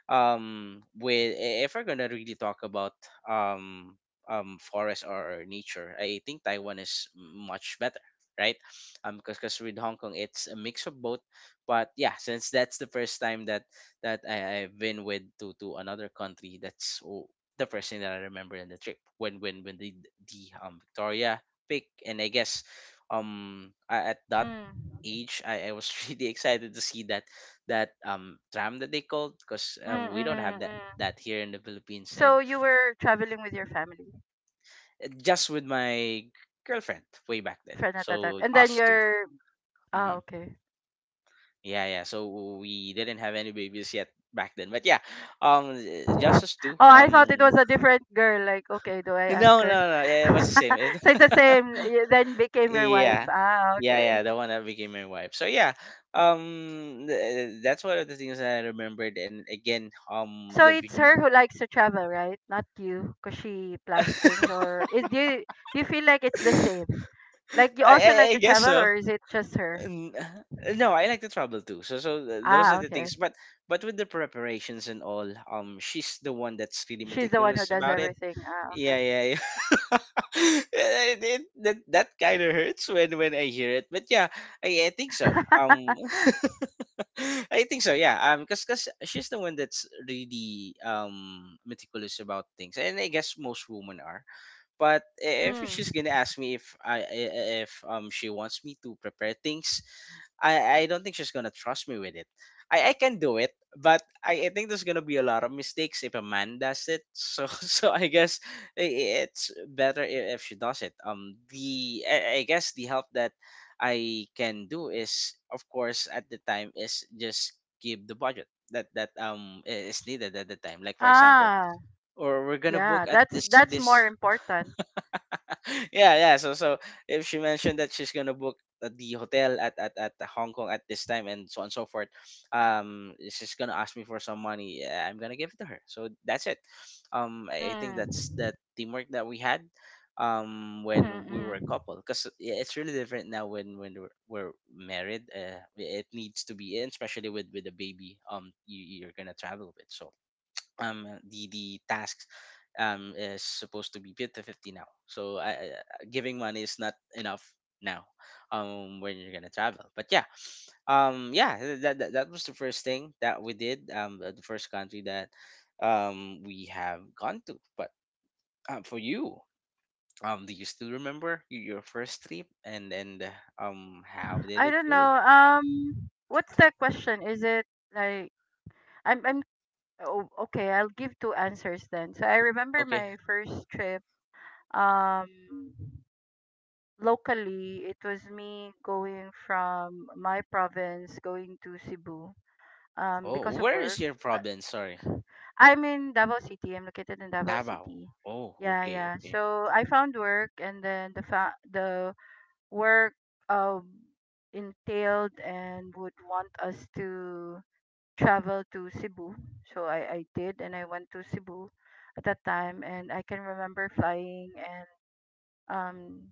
[SPEAKER 1] um, with if we're gonna really talk about um um forest or nature, I think Taiwan is much better, right? Um because with Hong Kong it's a mix of both. But yeah, since that's the first time that that I, i've been with to to another country, that's o- the first thing that I remember in the trip, when when when the the um Victoria pick, and I guess um I, at that
[SPEAKER 2] Mm.
[SPEAKER 1] age, I, I was really excited to see that that um tram that they called, because
[SPEAKER 2] Mm,
[SPEAKER 1] um we don't have
[SPEAKER 2] mm,
[SPEAKER 1] that
[SPEAKER 2] mm.
[SPEAKER 1] that here in the Philippines,
[SPEAKER 2] So
[SPEAKER 1] and
[SPEAKER 2] you were traveling with your family,
[SPEAKER 1] just with my girlfriend way back then.
[SPEAKER 2] girlfriend at that time,
[SPEAKER 1] So
[SPEAKER 2] and then
[SPEAKER 1] us two.
[SPEAKER 2] your ah,
[SPEAKER 1] Hmm.
[SPEAKER 2] okay.
[SPEAKER 1] Yeah, yeah. So we didn't have any babies yet back then, but yeah, um, just us two.
[SPEAKER 2] Oh, I thought it
[SPEAKER 1] Um,
[SPEAKER 2] was a different girl. Like, okay, do I ask
[SPEAKER 1] no,
[SPEAKER 2] her?
[SPEAKER 1] no, no. Yeah, it was the same. It,
[SPEAKER 2] So it's the same. You then became your wife.
[SPEAKER 1] yeah,
[SPEAKER 2] Ah,
[SPEAKER 1] yeah,
[SPEAKER 2] okay.
[SPEAKER 1] yeah. The one that became my wife. So yeah, um, th- that's one of the things that I remembered. And again, um,
[SPEAKER 2] So
[SPEAKER 1] the
[SPEAKER 2] it's
[SPEAKER 1] view.
[SPEAKER 2] her who likes to travel, right? Not you, because she plans things. Or is do you, do you feel like it's the same? Like you
[SPEAKER 1] I,
[SPEAKER 2] also
[SPEAKER 1] I,
[SPEAKER 2] like
[SPEAKER 1] I
[SPEAKER 2] to
[SPEAKER 1] guess
[SPEAKER 2] travel,
[SPEAKER 1] so.
[SPEAKER 2] or is it just her?
[SPEAKER 1] N- no, I like to travel too, so so th- those are
[SPEAKER 2] Ah,
[SPEAKER 1] the things,
[SPEAKER 2] okay.
[SPEAKER 1] but but with the preparations and all, um she's the one that's really
[SPEAKER 2] She's the one who
[SPEAKER 1] meticulous
[SPEAKER 2] does
[SPEAKER 1] about it.
[SPEAKER 2] everything. Ah,
[SPEAKER 1] Yeah, yeah, yeah. it, it, that, that kind of hurts when when I hear it, but yeah, I, I think so
[SPEAKER 2] okay.
[SPEAKER 1] um I think so, yeah. Um because because she's the one that's really um meticulous about things, and I guess most women are. But eh, if she's
[SPEAKER 2] Mm.
[SPEAKER 1] gonna ask me, if i i- if um she wants me to prepare things, I, I don't think she's gonna trust me with it. I, I can do it, but I, I think there's gonna be a lot of mistakes if a man does it. So so I guess i- it's better i- if she does it. Um, the I, I guess the help that I can do is, of course, at the time, is just give the budget that that um i- is needed at the time. Like for example,
[SPEAKER 2] Ah,
[SPEAKER 1] or we're gonna
[SPEAKER 2] yeah.
[SPEAKER 1] book at
[SPEAKER 2] That's
[SPEAKER 1] this
[SPEAKER 2] that's
[SPEAKER 1] this
[SPEAKER 2] more important.
[SPEAKER 1] yeah, yeah. So so if she mentioned that she's gonna book at the hotel at, at, at Hong Kong at this time and so on and so forth, um, she's gonna ask me for some money. Yeah, I'm gonna give it to her. So that's it. Um, I I think that's
[SPEAKER 2] Mm.
[SPEAKER 1] the teamwork that we had um when we
[SPEAKER 2] Mm-hmm,
[SPEAKER 1] were a couple, because it's really different now when when we're, we're married. Uh, it needs to be, and especially with with a baby, um you, you're gonna travel with. So um the the tasks um is supposed to be fifty to fifty now, so I, I- I- giving money is not enough now um when you're gonna travel. But yeah, um yeah, th- that, that, that was the first thing that we did. Um uh, the first country that um we have gone to. But um, for you, um do you still remember y- your first trip, and and uh, um how
[SPEAKER 2] mm-hmm.
[SPEAKER 1] did
[SPEAKER 2] I
[SPEAKER 1] it
[SPEAKER 2] don't
[SPEAKER 1] feel?
[SPEAKER 2] know. Um, what's that question? Is it like I'm I'm oh, okay, I'll give two answers then. So I remember
[SPEAKER 1] Okay.
[SPEAKER 2] my first trip um locally it was me going from my province going to Cebu um because
[SPEAKER 1] Oh,
[SPEAKER 2] of
[SPEAKER 1] where is
[SPEAKER 2] work.
[SPEAKER 1] your
[SPEAKER 2] Uh,
[SPEAKER 1] province, sorry?
[SPEAKER 2] I'm in Davao City, I'm located in Davao
[SPEAKER 1] Davao.
[SPEAKER 2] City.
[SPEAKER 1] Oh,
[SPEAKER 2] Yeah,
[SPEAKER 1] okay,
[SPEAKER 2] yeah,
[SPEAKER 1] okay.
[SPEAKER 2] so I found work and then the fa- the work um entailed and would want us to travel to Cebu. So I I did and I went to Cebu at that time and I can remember flying and um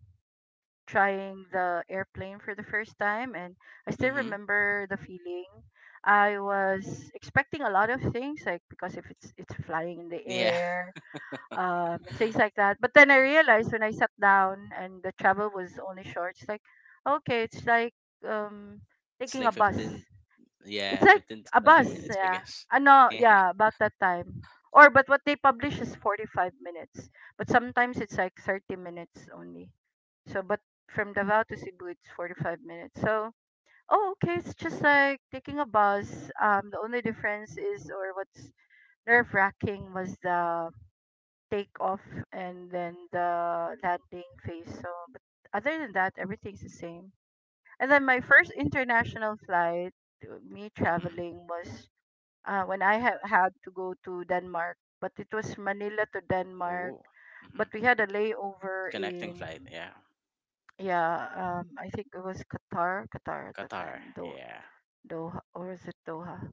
[SPEAKER 2] trying the airplane for the first time and I still
[SPEAKER 1] Mm-hmm.
[SPEAKER 2] remember the feeling. I was expecting a lot of things like because if it's it's flying in the
[SPEAKER 1] Yeah.
[SPEAKER 2] air, um and things like that. But then I realized when I sat down and the travel was only short, it's like okay, it's like um
[SPEAKER 1] It's
[SPEAKER 2] taking
[SPEAKER 1] like
[SPEAKER 2] a bus.
[SPEAKER 1] fifteen,
[SPEAKER 2] It's
[SPEAKER 1] yeah,
[SPEAKER 2] like
[SPEAKER 1] fifteen to
[SPEAKER 2] a
[SPEAKER 1] twenty
[SPEAKER 2] bus,
[SPEAKER 1] minutes, I
[SPEAKER 2] yeah.
[SPEAKER 1] guess.
[SPEAKER 2] Ano,
[SPEAKER 1] Yeah.
[SPEAKER 2] yeah, about that time. Or but what they publish is forty-five minutes. But sometimes it's like thirty minutes only. So but from Davao to Cebu it's forty-five minutes. So, oh okay, it's just like taking a bus. Um the only difference is or what's nerve-wracking was the takeoff and then the landing phase. So, but other than that, everything's the same. And then my first international flight, uh, me
[SPEAKER 1] Mm-hmm.
[SPEAKER 2] traveling was uh, when I ha- had to go to Denmark, but it was Manila to Denmark.
[SPEAKER 1] Oh. Mm-hmm.
[SPEAKER 2] But we had a layover
[SPEAKER 1] Connecting
[SPEAKER 2] in,
[SPEAKER 1] flight, yeah.
[SPEAKER 2] yeah, um, I think it was Qatar, Qatar at the
[SPEAKER 1] Qatar,
[SPEAKER 2] time, Do-
[SPEAKER 1] yeah.
[SPEAKER 2] Doha, or was it Doha?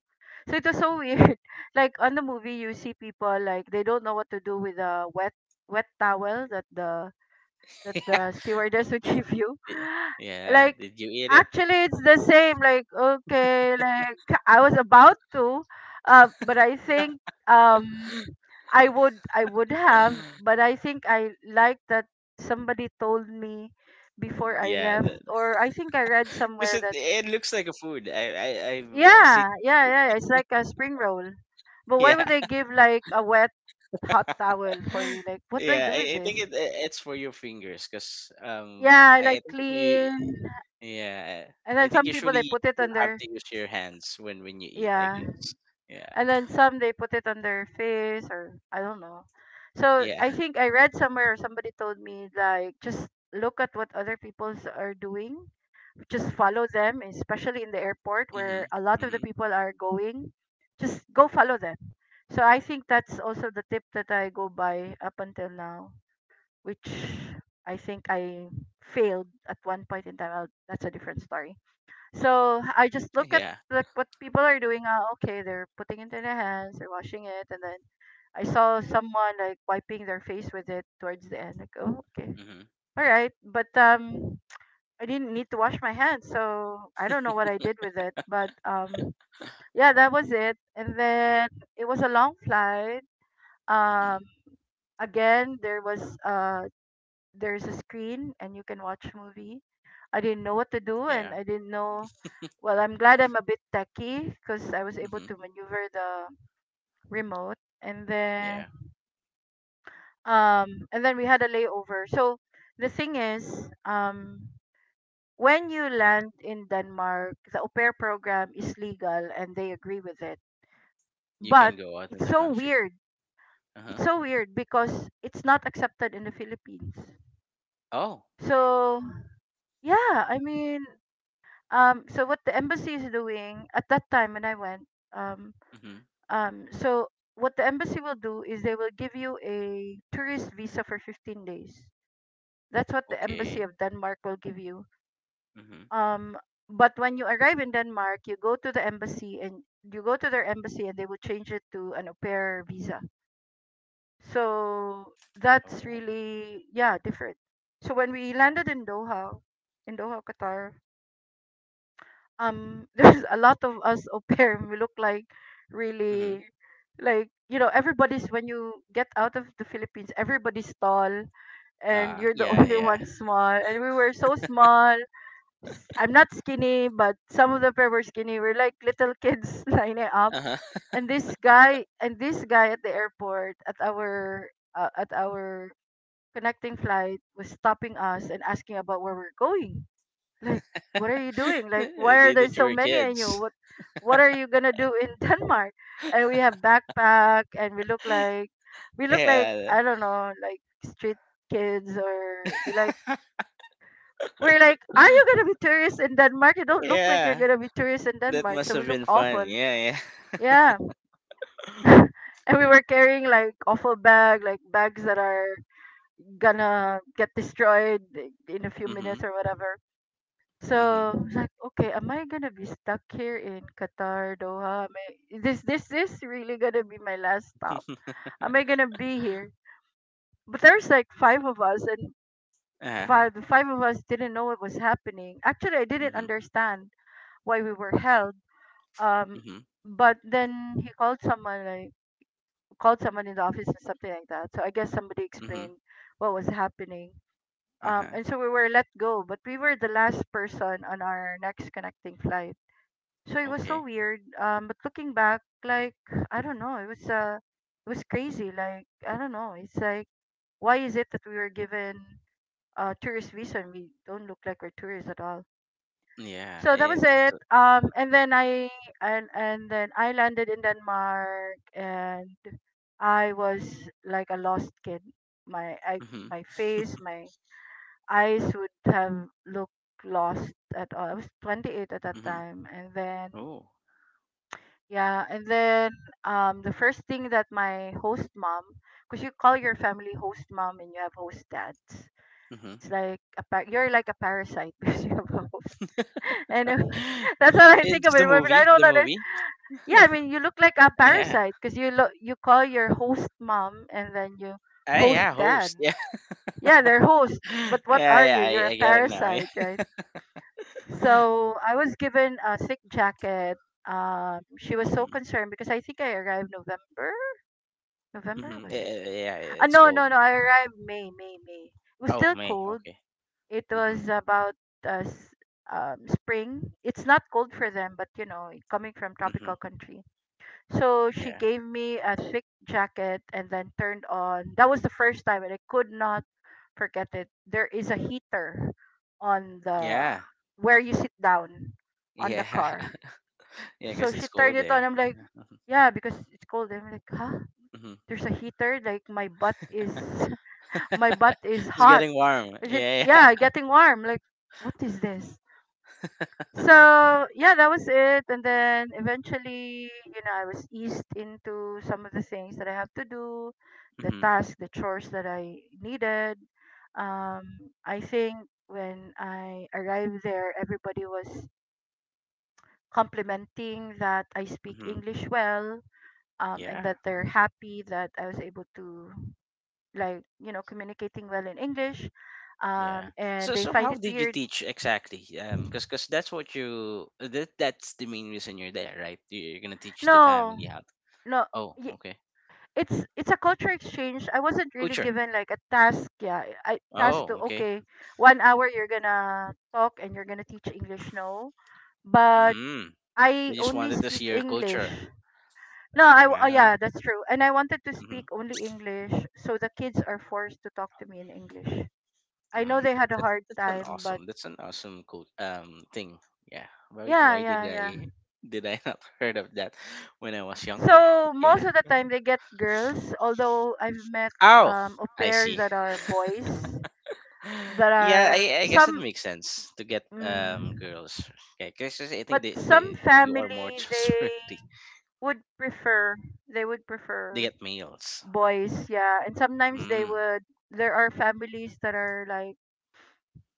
[SPEAKER 2] So it was so weird. Like on the movie, you see people like they don't know what to do with a wet wet towel that the that the stewardess would
[SPEAKER 1] Did,
[SPEAKER 2] give you.
[SPEAKER 1] did- yeah,
[SPEAKER 2] Like,
[SPEAKER 1] did you eat it?
[SPEAKER 2] actually, it's the same. Like, okay, like I was about to, uh, but I think um, I would, I would have, but I think I like that somebody told me before I
[SPEAKER 1] Yeah,
[SPEAKER 2] left, or I think I read
[SPEAKER 1] because
[SPEAKER 2] somewhere
[SPEAKER 1] it,
[SPEAKER 2] that
[SPEAKER 1] it looks like a food. I, I, I've seen,
[SPEAKER 2] yeah, yeah, yeah, it's like a spring roll. But why
[SPEAKER 1] yeah.
[SPEAKER 2] would they give like a wet hot towel for you? Like, what do I
[SPEAKER 1] Yeah,
[SPEAKER 2] do with
[SPEAKER 1] I, I think
[SPEAKER 2] this?
[SPEAKER 1] it it's for your fingers, because um
[SPEAKER 2] Yeah, I
[SPEAKER 1] I, I
[SPEAKER 2] like
[SPEAKER 1] think y-
[SPEAKER 2] clean.
[SPEAKER 1] yeah,
[SPEAKER 2] And then
[SPEAKER 1] I think
[SPEAKER 2] some people they
[SPEAKER 1] usually
[SPEAKER 2] put it
[SPEAKER 1] you
[SPEAKER 2] on
[SPEAKER 1] have
[SPEAKER 2] their
[SPEAKER 1] to use your hands when when you eat, I
[SPEAKER 2] yeah.
[SPEAKER 1] guess. Yeah.
[SPEAKER 2] And then some they put it on their face or I don't know. So
[SPEAKER 1] yeah
[SPEAKER 2] I think I read somewhere or somebody told me like just look at what other people's are doing. Just follow them, especially in the airport where
[SPEAKER 1] Mhm.
[SPEAKER 2] a lot of the
[SPEAKER 1] Mhm.
[SPEAKER 2] people are going. Just go follow them. So I think that's also the tip that I go by up until now, which I think I failed at one point in time. I'll, that's a different story. So I just look at
[SPEAKER 1] Yeah.
[SPEAKER 2] like what people are doing. Ah, okay, they're putting into their hands, they're washing it, and then I saw someone like wiping their face with it towards the end. Like, oh, okay,
[SPEAKER 1] Mhm.
[SPEAKER 2] all right, but um, I didn't need to wash my hands, so I don't know what I did with it. But um, yeah, that was it. And then it was a long flight. Um,
[SPEAKER 1] Mhm.
[SPEAKER 2] Again, there was uh there's a screen and you can watch movie. I didn't know what to do and
[SPEAKER 1] Yeah.
[SPEAKER 2] I didn't know Well, I'm glad I'm a bit techy because I was able
[SPEAKER 1] Mhm.
[SPEAKER 2] to maneuver the remote and then
[SPEAKER 1] Yeah.
[SPEAKER 2] um and then we had a layover. So the thing is, um when you land in Denmark, the au pair program is legal and they agree with it.
[SPEAKER 1] You
[SPEAKER 2] But
[SPEAKER 1] can go out in
[SPEAKER 2] it's
[SPEAKER 1] the
[SPEAKER 2] so
[SPEAKER 1] country.
[SPEAKER 2] weird.
[SPEAKER 1] Uh huh.
[SPEAKER 2] It's so weird because it's not accepted in the Philippines.
[SPEAKER 1] Oh.
[SPEAKER 2] So yeah, I mean um so what the embassy is doing at that time when I went um
[SPEAKER 1] Mhm.
[SPEAKER 2] um so what the embassy will do is they will give you a tourist visa for fifteen days. That's what the embassy
[SPEAKER 1] Okay.
[SPEAKER 2] of Denmark will give you.
[SPEAKER 1] Mhm.
[SPEAKER 2] um but when you arrive in Denmark you go to the embassy and you go to their embassy and they will change it to an au pair visa. So that's
[SPEAKER 1] Oh.
[SPEAKER 2] really, yeah, different. So when we landed in doha in doha Qatar, um there's a lot of us au pair and we look like
[SPEAKER 1] Mhm.
[SPEAKER 2] really like you know everybody's when you get out of the Philippines everybody's tall and
[SPEAKER 1] Ah.
[SPEAKER 2] you're the
[SPEAKER 1] Yeah.
[SPEAKER 2] only
[SPEAKER 1] Yeah.
[SPEAKER 2] one small, and we were so small. S- I'm not skinny but some of the pair were skinny, we're like little kids lining up.
[SPEAKER 1] Uh huh.
[SPEAKER 2] And this guy and this guy at the airport at our uh, at our connecting flight was stopping us and asking about where we're going. Like, what are you doing? Like, why are
[SPEAKER 1] they
[SPEAKER 2] there
[SPEAKER 1] did
[SPEAKER 2] so
[SPEAKER 1] were
[SPEAKER 2] many in you?
[SPEAKER 1] kids.
[SPEAKER 2] What what are you gonna do in Denmark? And we have backpack and we look like we look like
[SPEAKER 1] Yeah.
[SPEAKER 2] I don't know, like street kids, or we like we're like, are you gonna be tourists in Denmark? You don't look like you're
[SPEAKER 1] Yeah.
[SPEAKER 2] gonna be tourists in
[SPEAKER 1] That
[SPEAKER 2] Denmark,
[SPEAKER 1] must
[SPEAKER 2] so we
[SPEAKER 1] have
[SPEAKER 2] look
[SPEAKER 1] been
[SPEAKER 2] awful.
[SPEAKER 1] fun. Yeah. Yeah.
[SPEAKER 2] Yeah. And we were carrying like awful bag, like bags that are gonna get destroyed in a few minutes
[SPEAKER 1] Mhm.
[SPEAKER 2] or whatever. So
[SPEAKER 1] Mhm.
[SPEAKER 2] I was like, okay, am I gonna be stuck here in Qatar, Doha? Am I, this this this really gonna be my last stop? Am I gonna be here? But there's like five of us, and
[SPEAKER 1] Uh huh.
[SPEAKER 2] five the five of us didn't know what was happening. Actually, I didn't
[SPEAKER 1] Mhm.
[SPEAKER 2] understand why we were held. Um,
[SPEAKER 1] Mhm.
[SPEAKER 2] but then he called someone like called someone in the office or something like that. So I guess somebody
[SPEAKER 1] Mhm.
[SPEAKER 2] explained what was happening.
[SPEAKER 1] Uh
[SPEAKER 2] Um,
[SPEAKER 1] huh.
[SPEAKER 2] and so we were let go, but we were the last person on our next connecting flight. So it was so
[SPEAKER 1] Okay.
[SPEAKER 2] weird. Um, but looking back, like I don't know, it was uh, it was crazy. Like I don't know, it's like why is it that we were given a tourist visa and we don't look like we're tourists at all?
[SPEAKER 1] Yeah.
[SPEAKER 2] So that
[SPEAKER 1] I
[SPEAKER 2] was
[SPEAKER 1] think
[SPEAKER 2] it.
[SPEAKER 1] so.
[SPEAKER 2] Um, and then I and and then I landed in Denmark, and I was like a lost kid. My I
[SPEAKER 1] Mhm.
[SPEAKER 2] my face, my eyes would have looked lost at all. I was twenty-eight at that
[SPEAKER 1] Mhm.
[SPEAKER 2] time, and then
[SPEAKER 1] Oh.
[SPEAKER 2] yeah, and then um, the first thing that my host mom, because you call your family host mom and you have host dads.
[SPEAKER 1] Mhm.
[SPEAKER 2] It's like a par- you're like a parasite because you have a host. Anyway, that's what I think of
[SPEAKER 1] It's
[SPEAKER 2] it.
[SPEAKER 1] the
[SPEAKER 2] But I
[SPEAKER 1] movie,
[SPEAKER 2] don't
[SPEAKER 1] the
[SPEAKER 2] know.
[SPEAKER 1] movie.
[SPEAKER 2] Yeah, I mean you look like a
[SPEAKER 1] Yeah.
[SPEAKER 2] parasite because you look you call your host mom and then you
[SPEAKER 1] Ah,
[SPEAKER 2] host
[SPEAKER 1] yeah,
[SPEAKER 2] dad.
[SPEAKER 1] host. Yeah.
[SPEAKER 2] Yeah, they're host, but what are you?
[SPEAKER 1] Yeah,
[SPEAKER 2] You're
[SPEAKER 1] yeah, I,
[SPEAKER 2] a
[SPEAKER 1] I get it now. Yeah.
[SPEAKER 2] parasite, right? So I was given a thick jacket. Um, she was so
[SPEAKER 1] Mm-hmm.
[SPEAKER 2] concerned because I think I arrived November. November,
[SPEAKER 1] Mm-hmm.
[SPEAKER 2] was
[SPEAKER 1] Yeah,
[SPEAKER 2] it?
[SPEAKER 1] yeah, yeah, yeah,
[SPEAKER 2] Ah,
[SPEAKER 1] it's
[SPEAKER 2] no,
[SPEAKER 1] called.
[SPEAKER 2] no, no. I arrived May, May, May. It was
[SPEAKER 1] Oh,
[SPEAKER 2] still
[SPEAKER 1] May.
[SPEAKER 2] cold.
[SPEAKER 1] Okay.
[SPEAKER 2] It
[SPEAKER 1] Mm-hmm.
[SPEAKER 2] was about uh, s- um, spring. It's not cold for them, but you know, coming from
[SPEAKER 1] Mm-hmm.
[SPEAKER 2] tropical country. So she
[SPEAKER 1] Yeah.
[SPEAKER 2] gave me a thick jacket and then turned on. That was the first time, and I could not forget it. There is a heater on the
[SPEAKER 1] Yeah.
[SPEAKER 2] where you sit down on the
[SPEAKER 1] Yeah.
[SPEAKER 2] car.
[SPEAKER 1] Yeah, I
[SPEAKER 2] So
[SPEAKER 1] guess
[SPEAKER 2] she
[SPEAKER 1] it's
[SPEAKER 2] turned
[SPEAKER 1] cold
[SPEAKER 2] it
[SPEAKER 1] there.
[SPEAKER 2] on. I'm like, yeah, because it's cold. I'm like, huh?
[SPEAKER 1] Mm-hmm.
[SPEAKER 2] There's a heater. Like my butt is my butt is
[SPEAKER 1] It's
[SPEAKER 2] hot.
[SPEAKER 1] getting warm.
[SPEAKER 2] Is it,
[SPEAKER 1] Yeah, yeah.
[SPEAKER 2] yeah, getting warm. Like, what is this? So yeah, that was it. And then eventually, you know, I was eased into some of the things that I have to do, the
[SPEAKER 1] Mm-hmm.
[SPEAKER 2] tasks, the chores that I needed. Um, I think when I arrived there, everybody was complimenting that I speak
[SPEAKER 1] Mm-hmm.
[SPEAKER 2] English well, um, and
[SPEAKER 1] Yeah.
[SPEAKER 2] that they're happy that I was able to like you know communicating well in English,
[SPEAKER 1] Yeah.
[SPEAKER 2] um, and
[SPEAKER 1] So
[SPEAKER 2] they
[SPEAKER 1] so
[SPEAKER 2] find
[SPEAKER 1] how
[SPEAKER 2] it
[SPEAKER 1] did you
[SPEAKER 2] weird.
[SPEAKER 1] teach exactly? Um cuz cuz that's what you that, that's the main reason you're there, right? You- You're going to teach the
[SPEAKER 2] No,
[SPEAKER 1] family how.
[SPEAKER 2] no,
[SPEAKER 1] Oh,
[SPEAKER 2] y-
[SPEAKER 1] okay.
[SPEAKER 2] it's it's a culture exchange. I wasn't really
[SPEAKER 1] Culture.
[SPEAKER 2] given like a task. Yeah, I task to
[SPEAKER 1] Oh, okay.
[SPEAKER 2] okay, one hour you're gonna talk and you're gonna teach English. No, but
[SPEAKER 1] Mm. They
[SPEAKER 2] I
[SPEAKER 1] just
[SPEAKER 2] only
[SPEAKER 1] wanted to
[SPEAKER 2] speak
[SPEAKER 1] see your
[SPEAKER 2] English.
[SPEAKER 1] culture.
[SPEAKER 2] No, I w- oh
[SPEAKER 1] Uh-huh.
[SPEAKER 2] yeah, that's true. And I wanted to
[SPEAKER 1] Hmm.
[SPEAKER 2] speak only English, so the kids are forced to talk to me in English. I know
[SPEAKER 1] Hmm.
[SPEAKER 2] they had a
[SPEAKER 1] That,
[SPEAKER 2] hard
[SPEAKER 1] that's an
[SPEAKER 2] time, but
[SPEAKER 1] awesome. That's an awesome cool um thing. Yeah. Why
[SPEAKER 2] yeah,
[SPEAKER 1] why did
[SPEAKER 2] yeah, yeah.
[SPEAKER 1] I did I not heard of that when I was younger? But
[SPEAKER 2] So
[SPEAKER 1] yeah.
[SPEAKER 2] most of the time they get girls, although I've met
[SPEAKER 1] Oh,
[SPEAKER 2] um au
[SPEAKER 1] I
[SPEAKER 2] pairs
[SPEAKER 1] see.
[SPEAKER 2] that are boys that
[SPEAKER 1] Yeah,
[SPEAKER 2] are
[SPEAKER 1] I, I guess it
[SPEAKER 2] some
[SPEAKER 1] makes sense to get um
[SPEAKER 2] mm,
[SPEAKER 1] girls. Okay, because I think
[SPEAKER 2] but
[SPEAKER 1] they,
[SPEAKER 2] some
[SPEAKER 1] they you are more
[SPEAKER 2] family they
[SPEAKER 1] trustworthy.
[SPEAKER 2] would prefer they would
[SPEAKER 1] They
[SPEAKER 2] prefer
[SPEAKER 1] get males.
[SPEAKER 2] boys, yeah. And sometimes they
[SPEAKER 1] Mm.
[SPEAKER 2] would there are families that are like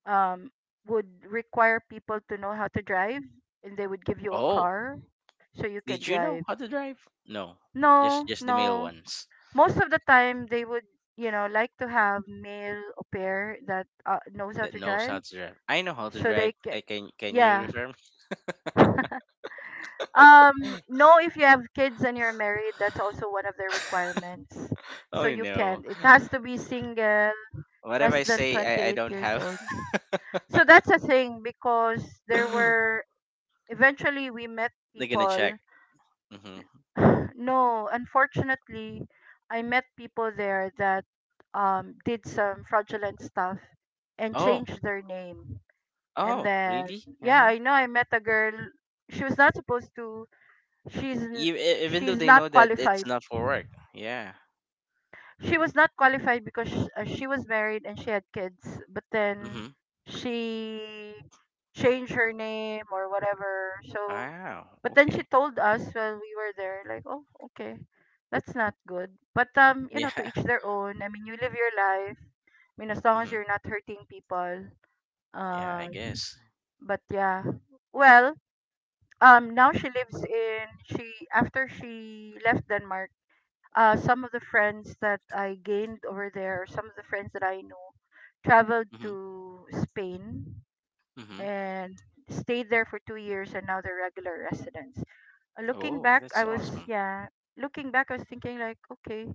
[SPEAKER 2] um would require people to know how to drive and they would give you a
[SPEAKER 1] Oh,
[SPEAKER 2] car so you can
[SPEAKER 1] did you know
[SPEAKER 2] drive.
[SPEAKER 1] how to drive? No, just
[SPEAKER 2] No,
[SPEAKER 1] just the male
[SPEAKER 2] no.
[SPEAKER 1] ones
[SPEAKER 2] Most of the time they would, you know, like to have male au pair that uh, knows how
[SPEAKER 1] that
[SPEAKER 2] to
[SPEAKER 1] knows
[SPEAKER 2] drive
[SPEAKER 1] how to drive. I know how to
[SPEAKER 2] so they
[SPEAKER 1] drive.
[SPEAKER 2] can
[SPEAKER 1] I can can you
[SPEAKER 2] yeah
[SPEAKER 1] refer me?
[SPEAKER 2] um no, if you have kids and you're married, that's also one of their requirements, so
[SPEAKER 1] Oh
[SPEAKER 2] you
[SPEAKER 1] no,
[SPEAKER 2] can't, it has to be single,
[SPEAKER 1] what if
[SPEAKER 2] less
[SPEAKER 1] I
[SPEAKER 2] than
[SPEAKER 1] say I I
[SPEAKER 2] twenty-eight
[SPEAKER 1] don't
[SPEAKER 2] years
[SPEAKER 1] have?
[SPEAKER 2] old. So that's a thing because there were eventually we met
[SPEAKER 1] They're gonna
[SPEAKER 2] people.
[SPEAKER 1] check. Hmm.
[SPEAKER 2] No, unfortunately, I met people there that um, did some fraudulent stuff and
[SPEAKER 1] Oh,
[SPEAKER 2] changed their name. And
[SPEAKER 1] oh
[SPEAKER 2] then,
[SPEAKER 1] really? Uh
[SPEAKER 2] yeah,
[SPEAKER 1] huh.
[SPEAKER 2] I know I met a girl. She was not supposed to. She's n-
[SPEAKER 1] E- e- Even though
[SPEAKER 2] she's
[SPEAKER 1] they
[SPEAKER 2] not
[SPEAKER 1] know that it's
[SPEAKER 2] qualified.
[SPEAKER 1] not for work. Yeah.
[SPEAKER 2] She
[SPEAKER 1] Mm-hmm.
[SPEAKER 2] was not qualified because sh- uh, she was married and she had kids, but then
[SPEAKER 1] Mm-hmm.
[SPEAKER 2] she changed her name or whatever. So
[SPEAKER 1] Wow.
[SPEAKER 2] but then she
[SPEAKER 1] Okay.
[SPEAKER 2] told us while we were there, like, oh, okay, that's not good. But um you know, to
[SPEAKER 1] Yeah.
[SPEAKER 2] each their own. I mean, you live your life. I mean, as long as
[SPEAKER 1] Mm-hmm.
[SPEAKER 2] you're not hurting people.
[SPEAKER 1] Yeah. I
[SPEAKER 2] um
[SPEAKER 1] guess.
[SPEAKER 2] but yeah. Well um now she lives in she after she left Denmark, uh, some of the friends that I gained over there, or some of the friends that I know, traveled
[SPEAKER 1] Mm-hmm.
[SPEAKER 2] to Spain
[SPEAKER 1] Mm-hmm.
[SPEAKER 2] and stayed there for two years, and now they're regular residents. Uh, Looking
[SPEAKER 1] Oh,
[SPEAKER 2] back,
[SPEAKER 1] that's
[SPEAKER 2] I was—
[SPEAKER 1] awesome.
[SPEAKER 2] yeah, looking back, I was thinking like, okay,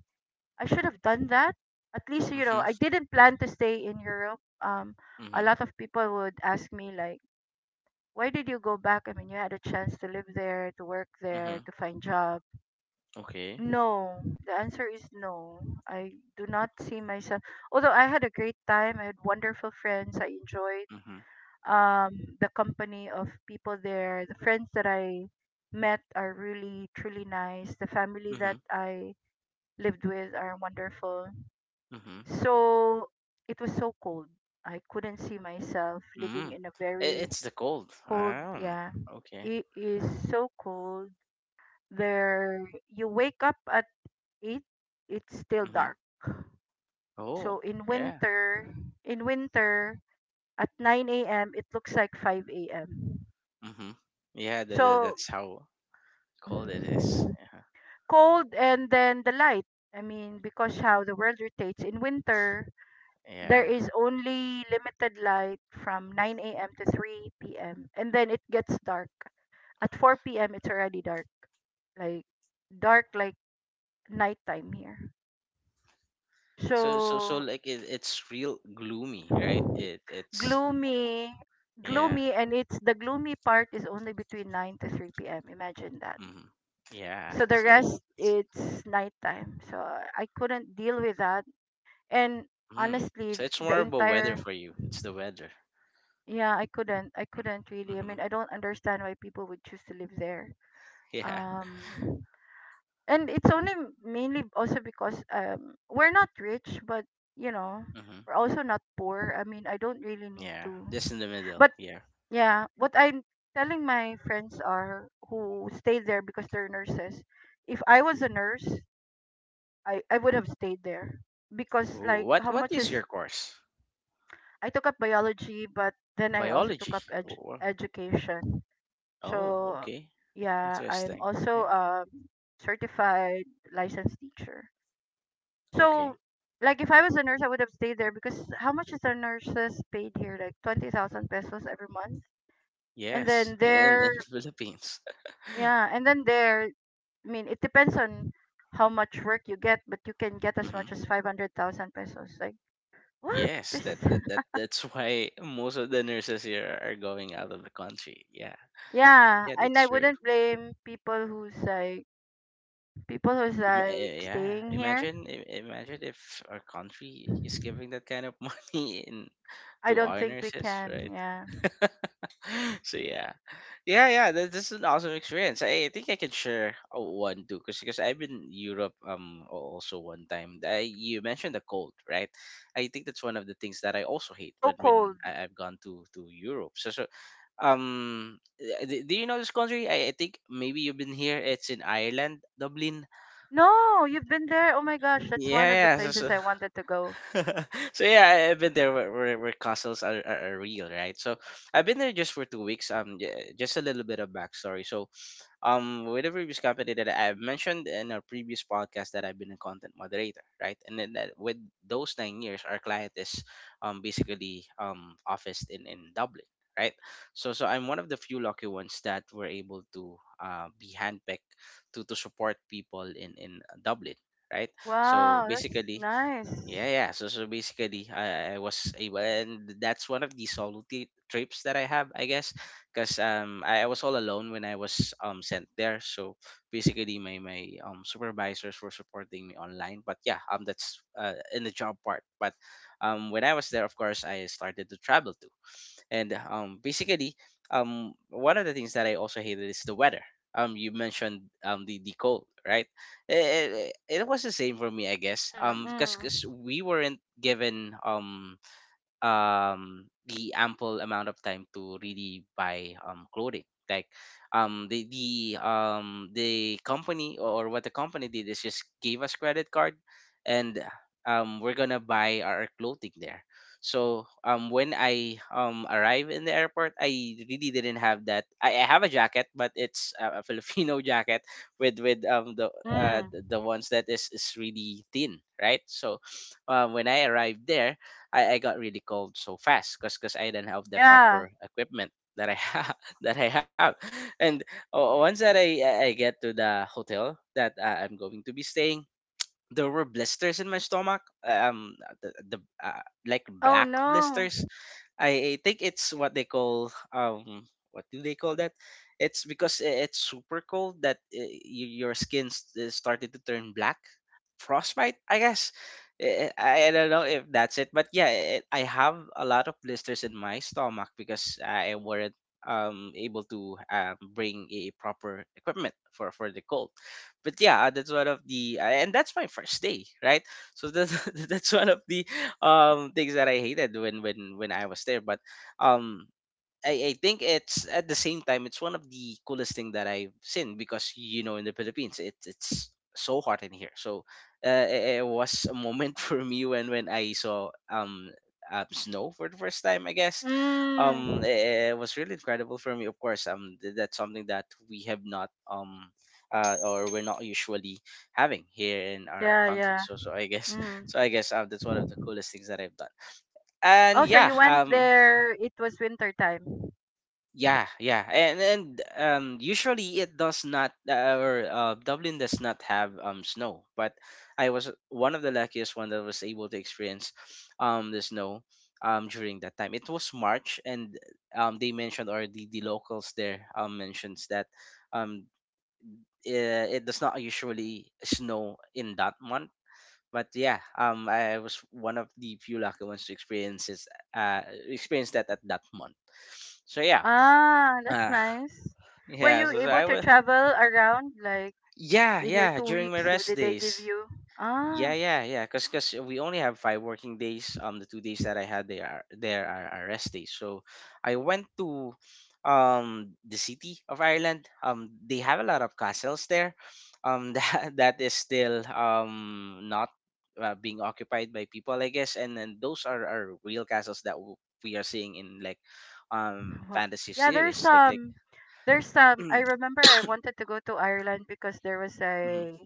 [SPEAKER 2] I should have done that. At least, you know, I
[SPEAKER 1] Mm-hmm.
[SPEAKER 2] didn't plan to stay in Europe. Um, a
[SPEAKER 1] Mm-hmm.
[SPEAKER 2] lot of people would ask me like, why did you go back? I mean, you had a chance to live there, to work
[SPEAKER 1] Mm-hmm.
[SPEAKER 2] there, to find jobs.
[SPEAKER 1] Okay.
[SPEAKER 2] No, the answer is no. I do not see myself. Although I had a great time, I had wonderful friends. I enjoyed
[SPEAKER 1] Mm-hmm.
[SPEAKER 2] um the company of people there. The friends that I met are really truly nice. The family
[SPEAKER 1] Mm-hmm.
[SPEAKER 2] that I lived with are wonderful.
[SPEAKER 1] Mm-hmm.
[SPEAKER 2] So it was so cold. I couldn't see myself living
[SPEAKER 1] Mm.
[SPEAKER 2] in a
[SPEAKER 1] It,
[SPEAKER 2] very
[SPEAKER 1] it's the cold.
[SPEAKER 2] cold,
[SPEAKER 1] Oh,
[SPEAKER 2] yeah.
[SPEAKER 1] okay.
[SPEAKER 2] It is so cold. There you wake up eight, it's still
[SPEAKER 1] Mm-hmm.
[SPEAKER 2] dark.
[SPEAKER 1] Oh,
[SPEAKER 2] So in
[SPEAKER 1] yeah.
[SPEAKER 2] winter, in winter at nine a m it looks like five a m.
[SPEAKER 1] Mm-hmm. Yeah, that, that,
[SPEAKER 2] So
[SPEAKER 1] that's how cold it is.
[SPEAKER 2] mm,
[SPEAKER 1] Yeah.
[SPEAKER 2] cold and then the light. I mean, because how the world rotates in winter, there
[SPEAKER 1] Yeah.
[SPEAKER 2] is only limited light from nine a m to three p m, and then it gets dark. At four p m it's already dark, like dark like nighttime here.
[SPEAKER 1] So so so
[SPEAKER 2] So
[SPEAKER 1] like it, it's real gloomy, right? It it's
[SPEAKER 2] gloomy.
[SPEAKER 1] yeah.
[SPEAKER 2] Gloomy, and it's— the gloomy part is only between nine to three p.m., imagine that.
[SPEAKER 1] Mm-hmm. Yeah.
[SPEAKER 2] So the
[SPEAKER 1] So it's,
[SPEAKER 2] rest
[SPEAKER 1] it's
[SPEAKER 2] it's nighttime. So I couldn't deal with that. And
[SPEAKER 1] mm.
[SPEAKER 2] honestly,
[SPEAKER 1] So
[SPEAKER 2] th-
[SPEAKER 1] it's
[SPEAKER 2] the
[SPEAKER 1] more about weather
[SPEAKER 2] entire—
[SPEAKER 1] for you. It's the weather.
[SPEAKER 2] yeah, i couldn't I couldn't
[SPEAKER 1] Mm-hmm.
[SPEAKER 2] really. I
[SPEAKER 1] Mm-hmm.
[SPEAKER 2] mean, I don't understand why people would choose to live there.
[SPEAKER 1] Yeah.
[SPEAKER 2] um and it's only m- mainly also because um we're not rich, but you know
[SPEAKER 1] Mm-hmm.
[SPEAKER 2] we're also not poor. I mean, I don't really need
[SPEAKER 1] Yeah.
[SPEAKER 2] to.
[SPEAKER 1] Just in the middle.
[SPEAKER 2] But
[SPEAKER 1] Yeah.
[SPEAKER 2] yeah, what I'm telling my friends are who stayed there because they're nurses. If I was a nurse, I, I would have stayed there because
[SPEAKER 1] Ooh,
[SPEAKER 2] like
[SPEAKER 1] what
[SPEAKER 2] how
[SPEAKER 1] what
[SPEAKER 2] much
[SPEAKER 1] is your
[SPEAKER 2] is—
[SPEAKER 1] course?
[SPEAKER 2] I took up biology, but then I also took
[SPEAKER 1] Biology.
[SPEAKER 2] up edu-
[SPEAKER 1] Wow.
[SPEAKER 2] education.
[SPEAKER 1] Oh,
[SPEAKER 2] So
[SPEAKER 1] okay.
[SPEAKER 2] yeah, I'm
[SPEAKER 1] Interesting.
[SPEAKER 2] also
[SPEAKER 1] Yeah.
[SPEAKER 2] a certified licensed teacher.
[SPEAKER 1] Okay.
[SPEAKER 2] So like if I was a nurse, I would have stayed there because how much is the nurses paid here? Like twenty thousand pesos every month. And
[SPEAKER 1] Yes.
[SPEAKER 2] then
[SPEAKER 1] In
[SPEAKER 2] there—
[SPEAKER 1] in the Philippines.
[SPEAKER 2] yeah, and then there, I mean, it depends on how much work you get, but you can get as much
[SPEAKER 1] Hmm.
[SPEAKER 2] as five hundred thousand pesos. Like, what?
[SPEAKER 1] Yes.
[SPEAKER 2] There's...
[SPEAKER 1] That, that that that's why most of the nurses here are going out of the country. Yeah.
[SPEAKER 2] Yeah,
[SPEAKER 1] Yeah,
[SPEAKER 2] and
[SPEAKER 1] that's
[SPEAKER 2] I
[SPEAKER 1] true.
[SPEAKER 2] wouldn't blame people who's like, people who's
[SPEAKER 1] Ima-
[SPEAKER 2] like
[SPEAKER 1] eh, yeah.
[SPEAKER 2] staying here.
[SPEAKER 1] Imagine i- imagine if our country is giving that kind of money in
[SPEAKER 2] I
[SPEAKER 1] to
[SPEAKER 2] don't
[SPEAKER 1] our
[SPEAKER 2] think we
[SPEAKER 1] nurses,
[SPEAKER 2] can,
[SPEAKER 1] right?
[SPEAKER 2] yeah.
[SPEAKER 1] So yeah, yeah, yeah. That, this is an awesome experience. I, think I can share uh, one too, because because 'cause I've been Europe um al- also one time. I, you mentioned the cold, right? I think that's one of the things that I also hate
[SPEAKER 2] So
[SPEAKER 1] when when
[SPEAKER 2] cold.
[SPEAKER 1] I, I've gone to to Europe. So so um, uh, do, do you know this country? I, I think maybe you've been here. It's in Ireland, Dublin.
[SPEAKER 2] No, you've been there. Oh my gosh, that's one of the
[SPEAKER 1] Yeah, yeah. So, so
[SPEAKER 2] places I wanted to go.
[SPEAKER 1] so yeah, I, I've been there where, where, where castles are, are, are real, right? So I've been there just for two weeks. Um, j- just a little bit of backstory. So um, with the previous company that I've mentioned in our previous podcast that I've been a content moderator, right? And then that, with those nine years, our client is um basically um officed in in Dublin. Right, so so I'm one of the few lucky ones that were able to uh, be handpicked to to support people in in Dublin, right? So
[SPEAKER 2] Wow, that's
[SPEAKER 1] basically,
[SPEAKER 2] nice.
[SPEAKER 1] yeah, yeah. So, so basically, I, I was able, and that's one of the solo t- trips that I have, I guess, because um, I, I was all alone when I was um sent there. So basically, my my um supervisors were supporting me online. But yeah, um, that's uh in the job part. But um, when I was there, of course, I started to travel too. And um, basically, um, one of the things that I also hated is the weather. Um, you mentioned um the, the cold, right? It, it, it was the same for me, I guess.
[SPEAKER 2] Mm,
[SPEAKER 1] Um, because
[SPEAKER 2] mm,
[SPEAKER 1] we weren't given um um the ample amount of time to really buy um clothing like um the the um the company or what the company did is just gave us credit card and um we're gonna buy our clothing there so um when I um arrive in the airport I really didn't have that i, I have a jacket but it's a, a filipino jacket with with um the uh
[SPEAKER 2] mm.
[SPEAKER 1] the the ones that is is really thin right so uh, when I arrived there, I, I got really cold so fast because because I didn't have the
[SPEAKER 2] Yeah.
[SPEAKER 1] proper equipment that I have that I have, and o- once that I I I get to the hotel that uh, I'm going to be staying, there were blisters in my stomach. Uh, um, the, the uh, like
[SPEAKER 2] Oh
[SPEAKER 1] black
[SPEAKER 2] no.
[SPEAKER 1] blisters. I, I think it's what they call um what do they call that? It's because i- it's super cold that uh, y- your skin s- uh, started to turn black, frostbite, I guess. Eh, I I don't know if that's it, but yeah, it, I have a lot of blisters in my stomach because I weren't um able to um, bring a proper equipment for for the cold. But yeah, that's one of the uh, and that's my first day, right? So that's that's one of the um things that I hated when when when I was there. But um I, I think it's at the same time it's one of the coolest thing that I've seen because you know in the Philippines it, it's so hot in here. So uh, it, it was a moment for me when when I saw um uh, snow for the first time. I guess um
[SPEAKER 2] Mm.
[SPEAKER 1] it, it was really incredible for me. Of course um th- that's something that we have not um uh, or we're not usually having here in our
[SPEAKER 2] Yeah,
[SPEAKER 1] country.
[SPEAKER 2] yeah.
[SPEAKER 1] So so I guess
[SPEAKER 2] Mm.
[SPEAKER 1] so I guess uh, that's one of the coolest things that I've done. And
[SPEAKER 2] Oh, so
[SPEAKER 1] yeah
[SPEAKER 2] you went
[SPEAKER 1] um
[SPEAKER 2] there, it was winter time.
[SPEAKER 1] yeah, yeah, and and um, usually it does not, uh, or uh, Dublin does not have um snow. But I was one of the luckiest one that was able to experience um the snow um during that time. It was March, and um they mentioned or the, the locals there um mentions that um it, it does not usually snow in that month. But yeah, um I was one of the few lucky ones to experience this, uh experience that at that month. So yeah.
[SPEAKER 2] Ah, that's
[SPEAKER 1] uh.
[SPEAKER 2] nice. Were
[SPEAKER 1] Yeah,
[SPEAKER 2] you
[SPEAKER 1] so, so
[SPEAKER 2] able
[SPEAKER 1] I
[SPEAKER 2] to
[SPEAKER 1] was.
[SPEAKER 2] travel around like
[SPEAKER 1] Yeah,
[SPEAKER 2] in your
[SPEAKER 1] yeah.
[SPEAKER 2] two
[SPEAKER 1] During my
[SPEAKER 2] weeks?
[SPEAKER 1] rest
[SPEAKER 2] Did they give
[SPEAKER 1] days.
[SPEAKER 2] you?
[SPEAKER 1] Yeah,
[SPEAKER 2] Ah,
[SPEAKER 1] yeah, yeah. cause, cause we only have five working days. Um, the two days that I had they are there are, are rest days. So I went to, um, the city of Ireland. Um, they have a lot of castles there. Um, that that is still um not uh, being occupied by people, I guess. And then those are are real castles that w- we are seeing in like, um,
[SPEAKER 2] wa-
[SPEAKER 1] fantasy
[SPEAKER 2] yeah, there's
[SPEAKER 1] series. Like like.
[SPEAKER 2] some, there's some. I
[SPEAKER 1] Mm,
[SPEAKER 2] remember I wanted to go to Ireland because there was
[SPEAKER 1] mm-hmm,
[SPEAKER 2] a,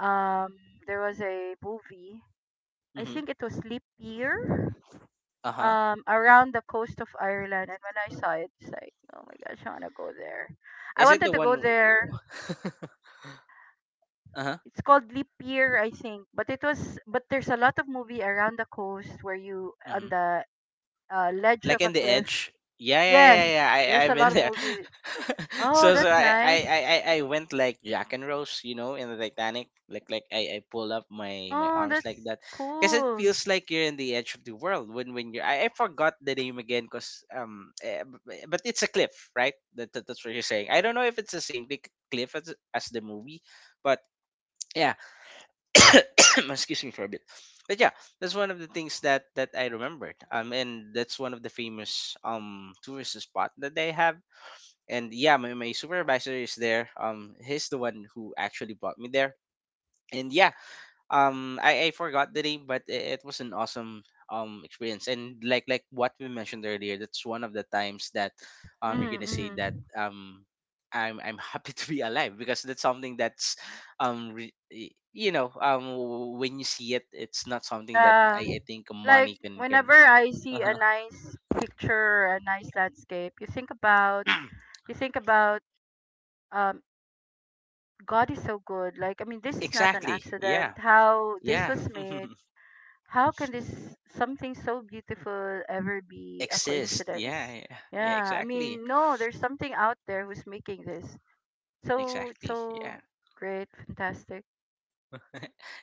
[SPEAKER 2] um, there was a movie. I
[SPEAKER 1] mm-hmm,
[SPEAKER 2] think it was Leap Year,
[SPEAKER 1] uh huh.
[SPEAKER 2] um, around the coast of Ireland. And when I saw it, it's like, oh my gosh, I want to go there. I
[SPEAKER 1] Is it
[SPEAKER 2] wanted
[SPEAKER 1] the
[SPEAKER 2] to
[SPEAKER 1] one?
[SPEAKER 2] go
[SPEAKER 1] w-
[SPEAKER 2] there.
[SPEAKER 1] uh-huh.
[SPEAKER 2] It's called Leap Year, I think. But it was but there's a lot of movie around the coast where you
[SPEAKER 1] Hmm.
[SPEAKER 2] on the uh, ledge
[SPEAKER 1] Like
[SPEAKER 2] of a
[SPEAKER 1] in the
[SPEAKER 2] cliff.
[SPEAKER 1] edge? Yeah, yeah, yeah,
[SPEAKER 2] Yes,
[SPEAKER 1] yeah. I
[SPEAKER 2] there's
[SPEAKER 1] I've
[SPEAKER 2] a
[SPEAKER 1] been
[SPEAKER 2] lot of
[SPEAKER 1] there.
[SPEAKER 2] movie. Oh,
[SPEAKER 1] So so
[SPEAKER 2] that's
[SPEAKER 1] I, I I
[SPEAKER 2] nice.
[SPEAKER 1] I I went like Jack and Rose, you know, in the Titanic. Like like I I pull up my my
[SPEAKER 2] Oh,
[SPEAKER 1] arms like
[SPEAKER 2] that's
[SPEAKER 1] that, because it
[SPEAKER 2] cool.
[SPEAKER 1] feels like you're in the edge of the world when when you. I, I forgot the name again, cause um, eh, b- b- but it's a cliff, right? That, that that's what you're saying. I don't know if it's the same big cliff as as the movie, but yeah excuse me for a bit but yeah that's one of the things that that I remembered um and that's one of the famous um tourist spot that they have and yeah my, my supervisor is there um he's the one who actually brought me there and yeah um I, I forgot the name but it, it was an awesome um experience and like like what we mentioned earlier that's one of the times that um
[SPEAKER 2] Mm-hmm,
[SPEAKER 1] you're gonna say
[SPEAKER 2] mm-hmm.
[SPEAKER 1] that um i'm i'm happy to be alive because that's something that's um re- y- you know um when you see it it's not something that
[SPEAKER 2] Yeah,
[SPEAKER 1] i, I think
[SPEAKER 2] like
[SPEAKER 1] money can can
[SPEAKER 2] whenever I see a
[SPEAKER 1] uh-huh.
[SPEAKER 2] nice picture, a nice landscape, you think about you think about um God is so good. Like, I mean, this is not an
[SPEAKER 1] Exactly, yeah.
[SPEAKER 2] accident. How this
[SPEAKER 1] Yeah.
[SPEAKER 2] was made— how can this something so beautiful ever be a
[SPEAKER 1] Exist, yeah,
[SPEAKER 2] coincidence?
[SPEAKER 1] yeah yeah
[SPEAKER 2] Yeah, I
[SPEAKER 1] exactly.
[SPEAKER 2] mean, no, there's something out there who's making this. So it's
[SPEAKER 1] Exactly, yeah.
[SPEAKER 2] so great, fantastic.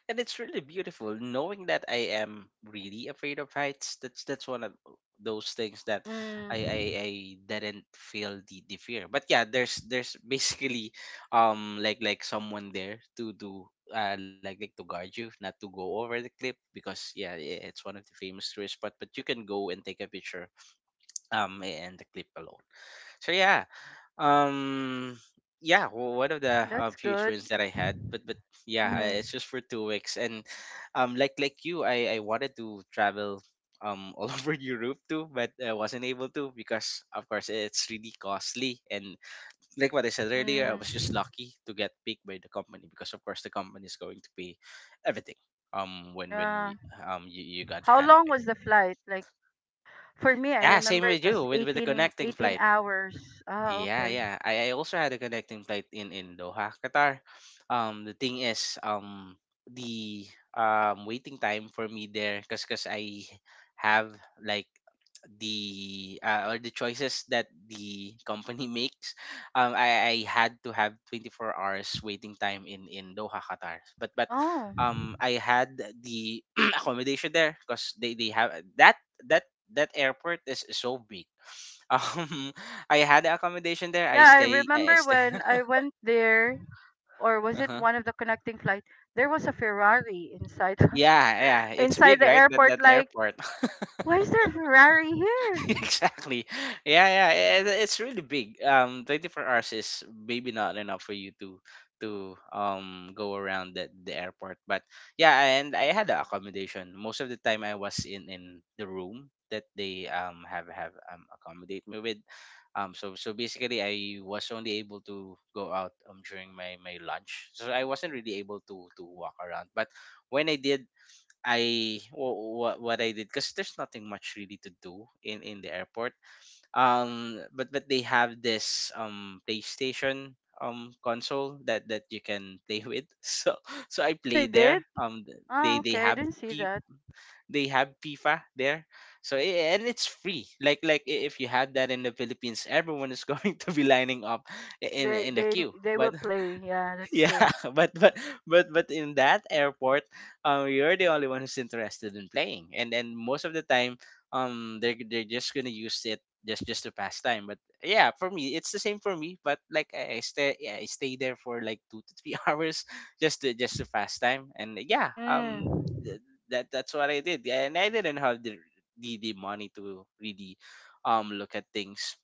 [SPEAKER 1] And it's really beautiful knowing that I am really afraid of heights. That's that's one of those things that I I,
[SPEAKER 2] Mm,
[SPEAKER 1] I didn't feel the, the fear. But yeah, there's there's basically um like like someone there to to uh like like to guard you not to go over the cliff because yeah i- it's one of the famous tourist spot but you can go and take a picture um and the cliff alone. So yeah, um, yeah, w- one of the uh,
[SPEAKER 2] that's
[SPEAKER 1] few
[SPEAKER 2] good.
[SPEAKER 1] experience that I had, but but yeah, I,
[SPEAKER 2] Mm,
[SPEAKER 1] it's just for two weeks, and um, like like you, I I wanted to travel um all over Europe too, but I wasn't able to because of course it's really costly, and like what I said earlier, I was just
[SPEAKER 2] mm,
[SPEAKER 1] lucky to get picked by the company because of course the company is going to pay everything. Um, when when
[SPEAKER 2] yeah.
[SPEAKER 1] y- um you, you got
[SPEAKER 2] How long
[SPEAKER 1] handpicked.
[SPEAKER 2] was the flight? Like for me, I
[SPEAKER 1] Yeah,
[SPEAKER 2] remember
[SPEAKER 1] same
[SPEAKER 2] it
[SPEAKER 1] with you
[SPEAKER 2] was
[SPEAKER 1] with with the
[SPEAKER 2] eighteen,
[SPEAKER 1] connecting
[SPEAKER 2] eighteen
[SPEAKER 1] flight.
[SPEAKER 2] hours. Ah,
[SPEAKER 1] Yeah,
[SPEAKER 2] okay.
[SPEAKER 1] yeah. I, I also had a connecting flight in in Doha, Qatar. Um, the thing is, um, the um waiting time for me there, cause cause I have like the uh, or the choices that the company makes. Um, I, I had to have twenty four hours waiting time in in Doha, Qatar. But but
[SPEAKER 2] Oh.
[SPEAKER 1] um, I had the accommodation there, cause they they have that that that airport is so big. Um, I had accommodation there. I
[SPEAKER 2] Yeah, I
[SPEAKER 1] stay. I I
[SPEAKER 2] remember
[SPEAKER 1] stay.
[SPEAKER 2] when I went there, or was it
[SPEAKER 1] Uh-huh.
[SPEAKER 2] one of the connecting flight? There was a Ferrari inside
[SPEAKER 1] Yeah, yeah. It's
[SPEAKER 2] inside
[SPEAKER 1] big,
[SPEAKER 2] the
[SPEAKER 1] right? That
[SPEAKER 2] airport.
[SPEAKER 1] that
[SPEAKER 2] Like,
[SPEAKER 1] airport.
[SPEAKER 2] why is there a Ferrari here?
[SPEAKER 1] Exactly. Yeah, yeah. It, it's really big. Um, twenty four hours is maybe not enough for you to to um go around the, the airport. But yeah, and I had the accommodation. Most of the time, I was in in the room that they um have have um accommodate me with. Um, so so basically, I was only able to go out um during my my lunch. So I wasn't really able to to walk around. But when I did, I what what I did because there's nothing much really to do in in the airport. Um, but but they have this um PlayStation um console that that you can play with. So so I
[SPEAKER 2] Oh, they
[SPEAKER 1] play
[SPEAKER 2] did.
[SPEAKER 1] there. Um, th-
[SPEAKER 2] Oh,
[SPEAKER 1] they they
[SPEAKER 2] okay. I
[SPEAKER 1] have
[SPEAKER 2] didn't see
[SPEAKER 1] P
[SPEAKER 2] that.
[SPEAKER 1] they have FIFA there. So i- and it's free. Like like i- if you had that in the Philippines, everyone is going to be lining up i- in
[SPEAKER 2] They
[SPEAKER 1] in the
[SPEAKER 2] they
[SPEAKER 1] queue.
[SPEAKER 2] they will
[SPEAKER 1] But
[SPEAKER 2] play. Yeah, that's
[SPEAKER 1] yeah
[SPEAKER 2] true.
[SPEAKER 1] but but but but in that airport um you're the only one who's interested in playing, and then most of the time um they're, they're just gonna use it just just to pass time. But yeah for me, it's the same. For me, but like i, I stay. Yeah, I stay there for like two to three hours just to just to pass time. and yeah um
[SPEAKER 2] Mm.
[SPEAKER 1] th- that that's what I did. Yeah, and I didn't have the the, the money to really um look at things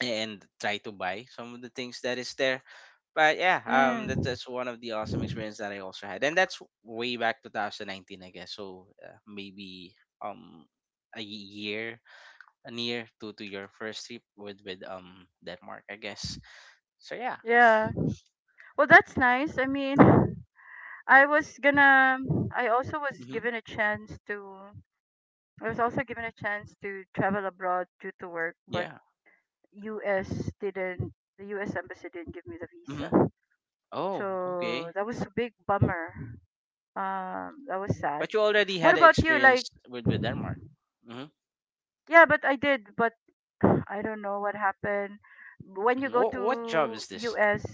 [SPEAKER 1] and try to buy some of the things that is there. but yeah, um, that's
[SPEAKER 2] Mm.
[SPEAKER 1] that's one of the awesome experience that I also had, and that's way back twenty nineteen, I guess. So uh, maybe um a year near to to your first trip with with um Denmark, I guess. So yeah,
[SPEAKER 2] Yeah. Well, that's nice. I mean, I was gonna. I also was
[SPEAKER 1] mm-hmm.
[SPEAKER 2] given a chance to. I was also given a chance to travel abroad due to work, but
[SPEAKER 1] Yeah,
[SPEAKER 2] U S didn't— the U S embassy didn't give me the
[SPEAKER 1] mm-hmm.
[SPEAKER 2] visa.
[SPEAKER 1] Oh,
[SPEAKER 2] So
[SPEAKER 1] okay.
[SPEAKER 2] that was a big bummer. Um that was sad.
[SPEAKER 1] But you already
[SPEAKER 2] What
[SPEAKER 1] had an
[SPEAKER 2] about you? Like
[SPEAKER 1] experience with with Denmark. Mm-hmm.
[SPEAKER 2] yeah, but I did, but I don't know what happened. When you
[SPEAKER 1] Mm-hmm.
[SPEAKER 2] go
[SPEAKER 1] What what job
[SPEAKER 2] to
[SPEAKER 1] is this?
[SPEAKER 2] U S,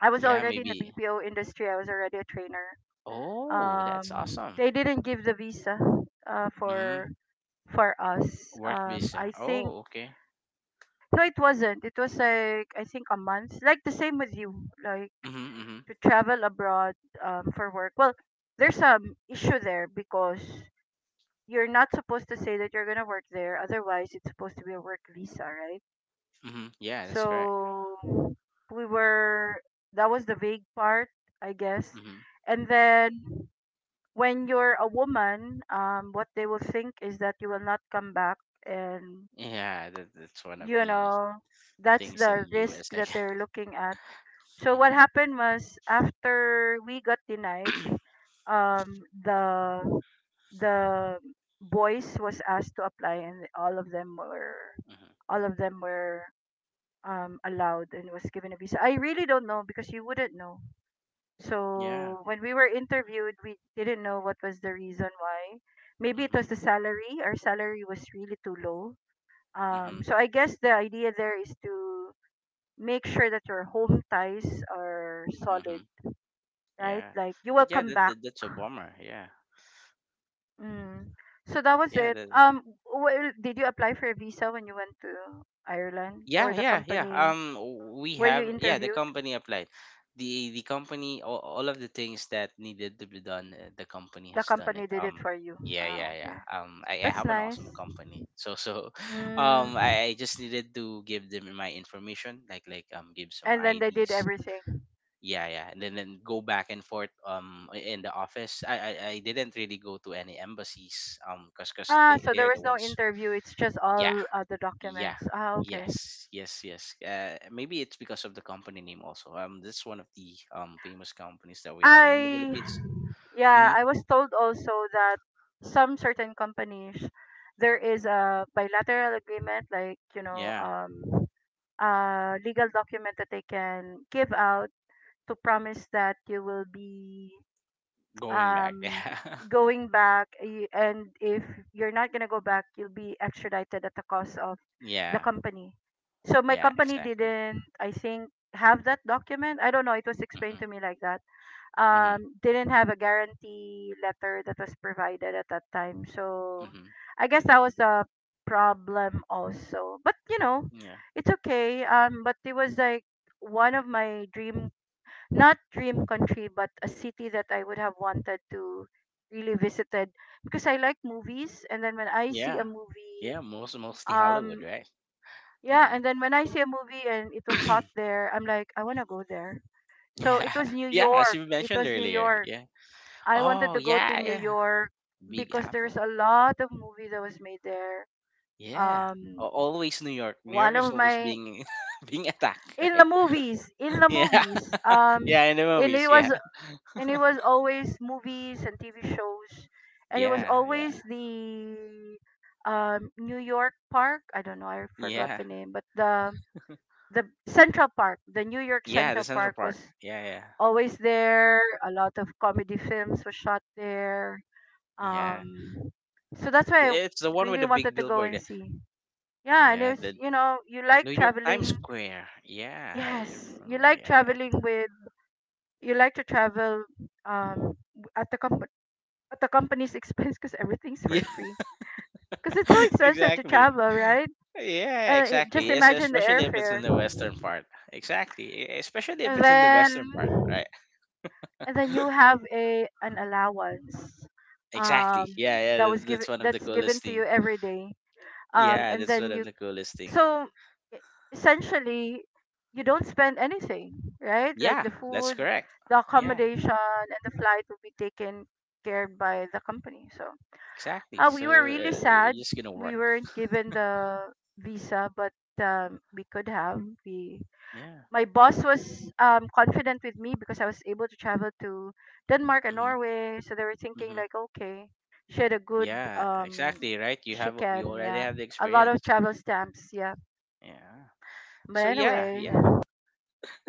[SPEAKER 2] I was
[SPEAKER 1] Yeah,
[SPEAKER 2] already in the
[SPEAKER 1] maybe.
[SPEAKER 2] B P O industry. I was already a trainer.
[SPEAKER 1] Oh, that's
[SPEAKER 2] Um
[SPEAKER 1] awesome.
[SPEAKER 2] they didn't give the visa uh
[SPEAKER 1] Mm-hmm.
[SPEAKER 2] for for us.
[SPEAKER 1] Work
[SPEAKER 2] Um I
[SPEAKER 1] visa.
[SPEAKER 2] think
[SPEAKER 1] Oh, okay.
[SPEAKER 2] no, it wasn't. It was like I think a month. Like the same with you. Like
[SPEAKER 1] Mm-hmm, mm-hmm,
[SPEAKER 2] to travel abroad, um, for work. Well, there's some issue there because you're not supposed to say that you're gonna work there. Otherwise, it's supposed to be a work visa, right?
[SPEAKER 1] mm-hmm. Yeah, that's correct.
[SPEAKER 2] So we were that was the vague part, I guess.
[SPEAKER 1] Hmm.
[SPEAKER 2] And then when you're a woman, um, what they will think is that you will not come back, and
[SPEAKER 1] Yeah, that, that's one of
[SPEAKER 2] you
[SPEAKER 1] the
[SPEAKER 2] know that's
[SPEAKER 1] things in
[SPEAKER 2] the risk
[SPEAKER 1] U S, I
[SPEAKER 2] that
[SPEAKER 1] guess.
[SPEAKER 2] they're looking at. So what
[SPEAKER 1] Hmm.
[SPEAKER 2] happened was after we got denied, um the the boys was asked to apply, and all of them were
[SPEAKER 1] Hmm.
[SPEAKER 2] all of them were um allowed and was given a visa. I really don't know because you wouldn't know.
[SPEAKER 1] Yeah.
[SPEAKER 2] So when we were interviewed, we didn't know what was the reason why. Maybe it
[SPEAKER 1] Hmm.
[SPEAKER 2] was the salary. Our salary was really too low. Um,
[SPEAKER 1] Hmm.
[SPEAKER 2] so I guess the idea there is to make sure that your home ties are solid,
[SPEAKER 1] Hmm.
[SPEAKER 2] right?
[SPEAKER 1] Yeah.
[SPEAKER 2] Like you
[SPEAKER 1] But
[SPEAKER 2] will
[SPEAKER 1] yeah,
[SPEAKER 2] come
[SPEAKER 1] that,
[SPEAKER 2] back.
[SPEAKER 1] that that's a bummer. Yeah.
[SPEAKER 2] Mm. So that was
[SPEAKER 1] Yeah.
[SPEAKER 2] it.
[SPEAKER 1] That,
[SPEAKER 2] Um, well, did you apply for a visa when you went to Ireland, or
[SPEAKER 1] yeah.
[SPEAKER 2] the
[SPEAKER 1] Yeah. Yeah.
[SPEAKER 2] company
[SPEAKER 1] Um, we
[SPEAKER 2] where you
[SPEAKER 1] have, yeah, the
[SPEAKER 2] interviewed?
[SPEAKER 1] company applied. The the company, all, all of the things that needed to be done, uh, the company
[SPEAKER 2] The
[SPEAKER 1] has done it.
[SPEAKER 2] company did it
[SPEAKER 1] Um.
[SPEAKER 2] for you.
[SPEAKER 1] Yeah,
[SPEAKER 2] Ah,
[SPEAKER 1] yeah, yeah.
[SPEAKER 2] okay.
[SPEAKER 1] Um, I, I
[SPEAKER 2] That's
[SPEAKER 1] have an
[SPEAKER 2] nice.
[SPEAKER 1] awesome company, so so, um,
[SPEAKER 2] Mm.
[SPEAKER 1] I, I just needed to give them my information, like like um, give some
[SPEAKER 2] And then they did
[SPEAKER 1] I Ds.
[SPEAKER 2] everything.
[SPEAKER 1] Yeah, yeah. And then, then go back and forth um i- in the office. i i, I didn't really go to any embassies um because because
[SPEAKER 2] Ah,
[SPEAKER 1] they,
[SPEAKER 2] so there
[SPEAKER 1] they're the
[SPEAKER 2] was no
[SPEAKER 1] ones.
[SPEAKER 2] interview. It's just
[SPEAKER 1] Yeah,
[SPEAKER 2] all uh, the
[SPEAKER 1] yeah.
[SPEAKER 2] documents. Ah, okay.
[SPEAKER 1] Yes yes yes. Uh maybe it's because of the company name also. Um this is one of the um famous companies that we have here in the
[SPEAKER 2] I,
[SPEAKER 1] Philippines.
[SPEAKER 2] yeah,
[SPEAKER 1] Hmm.
[SPEAKER 2] I was told also that some certain companies, there is a bilateral agreement, like, you know,
[SPEAKER 1] Yeah,
[SPEAKER 2] um, uh, legal document that they can give out to promise that you will be
[SPEAKER 1] going back.
[SPEAKER 2] um,
[SPEAKER 1] Yeah.
[SPEAKER 2] going back, y- and if you're not going to go back, you'll be extradited at the cost of the
[SPEAKER 1] Yeah,
[SPEAKER 2] company. So my
[SPEAKER 1] yeah,
[SPEAKER 2] company
[SPEAKER 1] exactly.
[SPEAKER 2] didn't, I think, have that document. I don't know, it was explained
[SPEAKER 1] mm-hmm,
[SPEAKER 2] to me like that.
[SPEAKER 1] mm-hmm,
[SPEAKER 2] Um didn't have a guarantee letter that was provided at that time. So
[SPEAKER 1] mm-hmm.
[SPEAKER 2] I guess that was a problem also. But you know,
[SPEAKER 1] Yeah,
[SPEAKER 2] it's okay. Um but it was like one of my dream— not dream country, but a city that I would have wanted to really visited because I like movies. And then when I see
[SPEAKER 1] yeah.
[SPEAKER 2] a
[SPEAKER 1] Yeah,
[SPEAKER 2] movie,
[SPEAKER 1] most mostly Hollywood,
[SPEAKER 2] um
[SPEAKER 1] right?
[SPEAKER 2] yeah
[SPEAKER 1] Mm-hmm.
[SPEAKER 2] and then when I see a movie and it was shot there, I'm like, I want to go there. So it
[SPEAKER 1] Yeah.
[SPEAKER 2] was New
[SPEAKER 1] Yeah, as
[SPEAKER 2] York.
[SPEAKER 1] you
[SPEAKER 2] It
[SPEAKER 1] mentioned
[SPEAKER 2] was New
[SPEAKER 1] earlier.
[SPEAKER 2] York
[SPEAKER 1] Yeah.
[SPEAKER 2] I wanted
[SPEAKER 1] Oh,
[SPEAKER 2] to go to
[SPEAKER 1] yeah,
[SPEAKER 2] New
[SPEAKER 1] yeah.
[SPEAKER 2] York
[SPEAKER 1] Big
[SPEAKER 2] because
[SPEAKER 1] Apple.
[SPEAKER 2] there's a lot of movie that was made there.
[SPEAKER 1] Yeah. A-
[SPEAKER 2] Um,
[SPEAKER 1] Always New York. New York
[SPEAKER 2] one
[SPEAKER 1] is
[SPEAKER 2] of
[SPEAKER 1] always
[SPEAKER 2] my
[SPEAKER 1] being being attacked,
[SPEAKER 2] In the
[SPEAKER 1] right?
[SPEAKER 2] movies, in the
[SPEAKER 1] Yeah.
[SPEAKER 2] movies. Um,
[SPEAKER 1] Yeah, in the
[SPEAKER 2] and
[SPEAKER 1] movies.
[SPEAKER 2] it was
[SPEAKER 1] Yeah.
[SPEAKER 2] and it was always movies and T V shows, and it was
[SPEAKER 1] Yeah, yeah.
[SPEAKER 2] always the um New York Park. I don't know, I forgot
[SPEAKER 1] Yeah.
[SPEAKER 2] the name, but the the Central Park, the New York
[SPEAKER 1] Yeah, the
[SPEAKER 2] Central
[SPEAKER 1] Central
[SPEAKER 2] Park
[SPEAKER 1] Park.
[SPEAKER 2] was
[SPEAKER 1] Yeah, yeah.
[SPEAKER 2] always there. A lot of comedy films were shot there.
[SPEAKER 1] Yeah.
[SPEAKER 2] Um, so that's why I
[SPEAKER 1] It's the one with
[SPEAKER 2] really
[SPEAKER 1] the
[SPEAKER 2] wanted
[SPEAKER 1] big
[SPEAKER 2] to go
[SPEAKER 1] billboard.
[SPEAKER 2] and
[SPEAKER 1] Yeah.
[SPEAKER 2] see. Yeah, and
[SPEAKER 1] Yeah,
[SPEAKER 2] it's—
[SPEAKER 1] the
[SPEAKER 2] you know you like
[SPEAKER 1] New York Times
[SPEAKER 2] traveling.
[SPEAKER 1] Square. Yeah, I
[SPEAKER 2] Yes, you
[SPEAKER 1] remember.
[SPEAKER 2] like
[SPEAKER 1] Yeah, yeah.
[SPEAKER 2] traveling with you like to travel um w- at the comp- at the company's expense because everything's for free. Because it's so
[SPEAKER 1] Yeah,
[SPEAKER 2] expensive to
[SPEAKER 1] exactly.
[SPEAKER 2] travel, right?
[SPEAKER 1] Yeah,
[SPEAKER 2] Uh, it— just
[SPEAKER 1] exactly. Yes,
[SPEAKER 2] imagine the
[SPEAKER 1] especially if it's in
[SPEAKER 2] airfare,
[SPEAKER 1] the western part. Exactly. e- Especially if
[SPEAKER 2] and
[SPEAKER 1] it's in the western part,
[SPEAKER 2] then
[SPEAKER 1] right?
[SPEAKER 2] and then you have a an allowance um
[SPEAKER 1] Exactly. Yeah,
[SPEAKER 2] that
[SPEAKER 1] yeah.
[SPEAKER 2] was
[SPEAKER 1] that-
[SPEAKER 2] given,
[SPEAKER 1] That's one of the
[SPEAKER 2] that's given
[SPEAKER 1] coolest
[SPEAKER 2] to you
[SPEAKER 1] thing.
[SPEAKER 2] every day. Um
[SPEAKER 1] Yeah,
[SPEAKER 2] and
[SPEAKER 1] that's one
[SPEAKER 2] then
[SPEAKER 1] of
[SPEAKER 2] you,
[SPEAKER 1] the coolest thing.
[SPEAKER 2] so e- essentially, you don't spend anything, right? Like
[SPEAKER 1] Yeah,
[SPEAKER 2] the
[SPEAKER 1] that's
[SPEAKER 2] food,
[SPEAKER 1] correct.
[SPEAKER 2] the
[SPEAKER 1] Yeah,
[SPEAKER 2] accommodation, and the flight will be taken care by the company. So
[SPEAKER 1] exactly.
[SPEAKER 2] uh,
[SPEAKER 1] So
[SPEAKER 2] we were really
[SPEAKER 1] uh,
[SPEAKER 2] sad
[SPEAKER 1] you're just gonna
[SPEAKER 2] we
[SPEAKER 1] work.
[SPEAKER 2] weren't given the visa. But um, we could have— we
[SPEAKER 1] Yeah.
[SPEAKER 2] my boss was um, confident with me because I was able to travel to Denmark and
[SPEAKER 1] Hmm.
[SPEAKER 2] Norway. So they were thinking
[SPEAKER 1] Hmm.
[SPEAKER 2] like, okay, she had a good
[SPEAKER 1] Yeah,
[SPEAKER 2] um,
[SPEAKER 1] exactly. Right. You
[SPEAKER 2] she
[SPEAKER 1] have you
[SPEAKER 2] can
[SPEAKER 1] already
[SPEAKER 2] yeah,
[SPEAKER 1] have the
[SPEAKER 2] a lot of
[SPEAKER 1] experience.
[SPEAKER 2] travel stamps, yeah.
[SPEAKER 1] Yeah.
[SPEAKER 2] But
[SPEAKER 1] So yeah,
[SPEAKER 2] anyway.
[SPEAKER 1] yeah.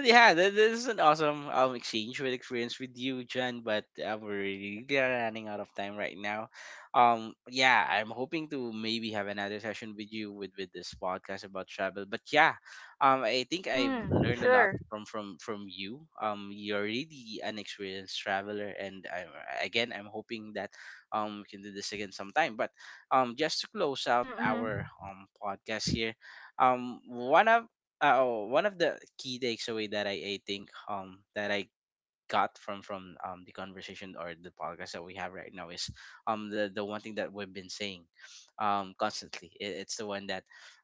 [SPEAKER 1] Yeah, th- this is an awesome um exchange with experience with you, Jen. But uh, we're really running out of time right now. Um, yeah, I'm hoping to maybe have another session with you with with this podcast about travel. But yeah, um, I think I've
[SPEAKER 2] Mm,
[SPEAKER 1] learned a lot
[SPEAKER 2] sure.
[SPEAKER 1] from from from you. Um, you're really an experienced traveler, and I, again, I'm hoping that um we can do this again sometime. But um, just to close out our
[SPEAKER 2] Mm-hmm,
[SPEAKER 1] um podcast here, um, one of uh, oh, one of the key takeaway that I, I think um that I got from from um, the conversation or the podcast that we have right now is um the the one thing that we've been saying um constantly, it, it's the one that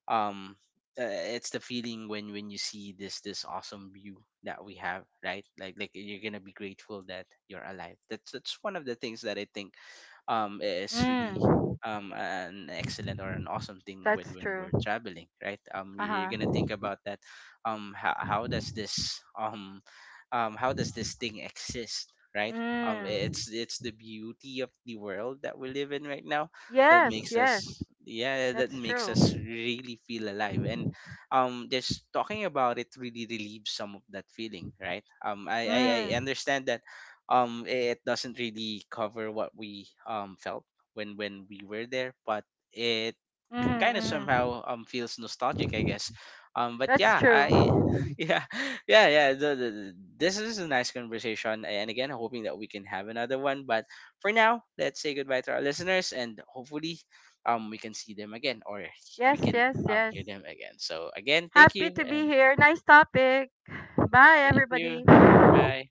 [SPEAKER 1] um uh, it's the feeling when when you see this this awesome view that we have, right? Like, like you're gonna be grateful that you're alive. That's that's one of the things that I think um is really
[SPEAKER 2] mm,
[SPEAKER 1] um an excellent or an awesome thing when
[SPEAKER 2] that's
[SPEAKER 1] when
[SPEAKER 2] true.
[SPEAKER 1] we're traveling, right? um you- you're gonna
[SPEAKER 2] Uh-huh.
[SPEAKER 1] think about that, um how, how does this um um, how does this thing exist, right? Um,
[SPEAKER 2] Mm.
[SPEAKER 1] it's it's the beauty of the world that we live in right now that
[SPEAKER 2] Yes,
[SPEAKER 1] makes
[SPEAKER 2] yes,
[SPEAKER 1] us, yeah, that
[SPEAKER 2] that's
[SPEAKER 1] makes us
[SPEAKER 2] true.
[SPEAKER 1] really feel alive. And um just talking about it really relieves some of that feeling, right? um I I, I
[SPEAKER 2] Mm,
[SPEAKER 1] understand that um it doesn't really cover what we um felt when when we were there, but it kind of
[SPEAKER 2] mm-hmm,
[SPEAKER 1] somehow um feels nostalgic, I
[SPEAKER 2] mm-hmm.
[SPEAKER 1] guess. Um, but
[SPEAKER 2] That's
[SPEAKER 1] yeah, I
[SPEAKER 2] true.
[SPEAKER 1] yeah, yeah, yeah. The, the, the- this is a nice conversation, and again, hoping that we can have another one. But for now, let's say goodbye to our listeners, and hopefully, um, we can see them again, or we
[SPEAKER 2] Yes,
[SPEAKER 1] can
[SPEAKER 2] yes,
[SPEAKER 1] um
[SPEAKER 2] yes.
[SPEAKER 1] hear them again. So again, thank
[SPEAKER 2] Happy
[SPEAKER 1] you,
[SPEAKER 2] to be
[SPEAKER 1] and
[SPEAKER 2] here. Nice topic. Bye,
[SPEAKER 1] thank you.
[SPEAKER 2] everybody.
[SPEAKER 1] Goodbye.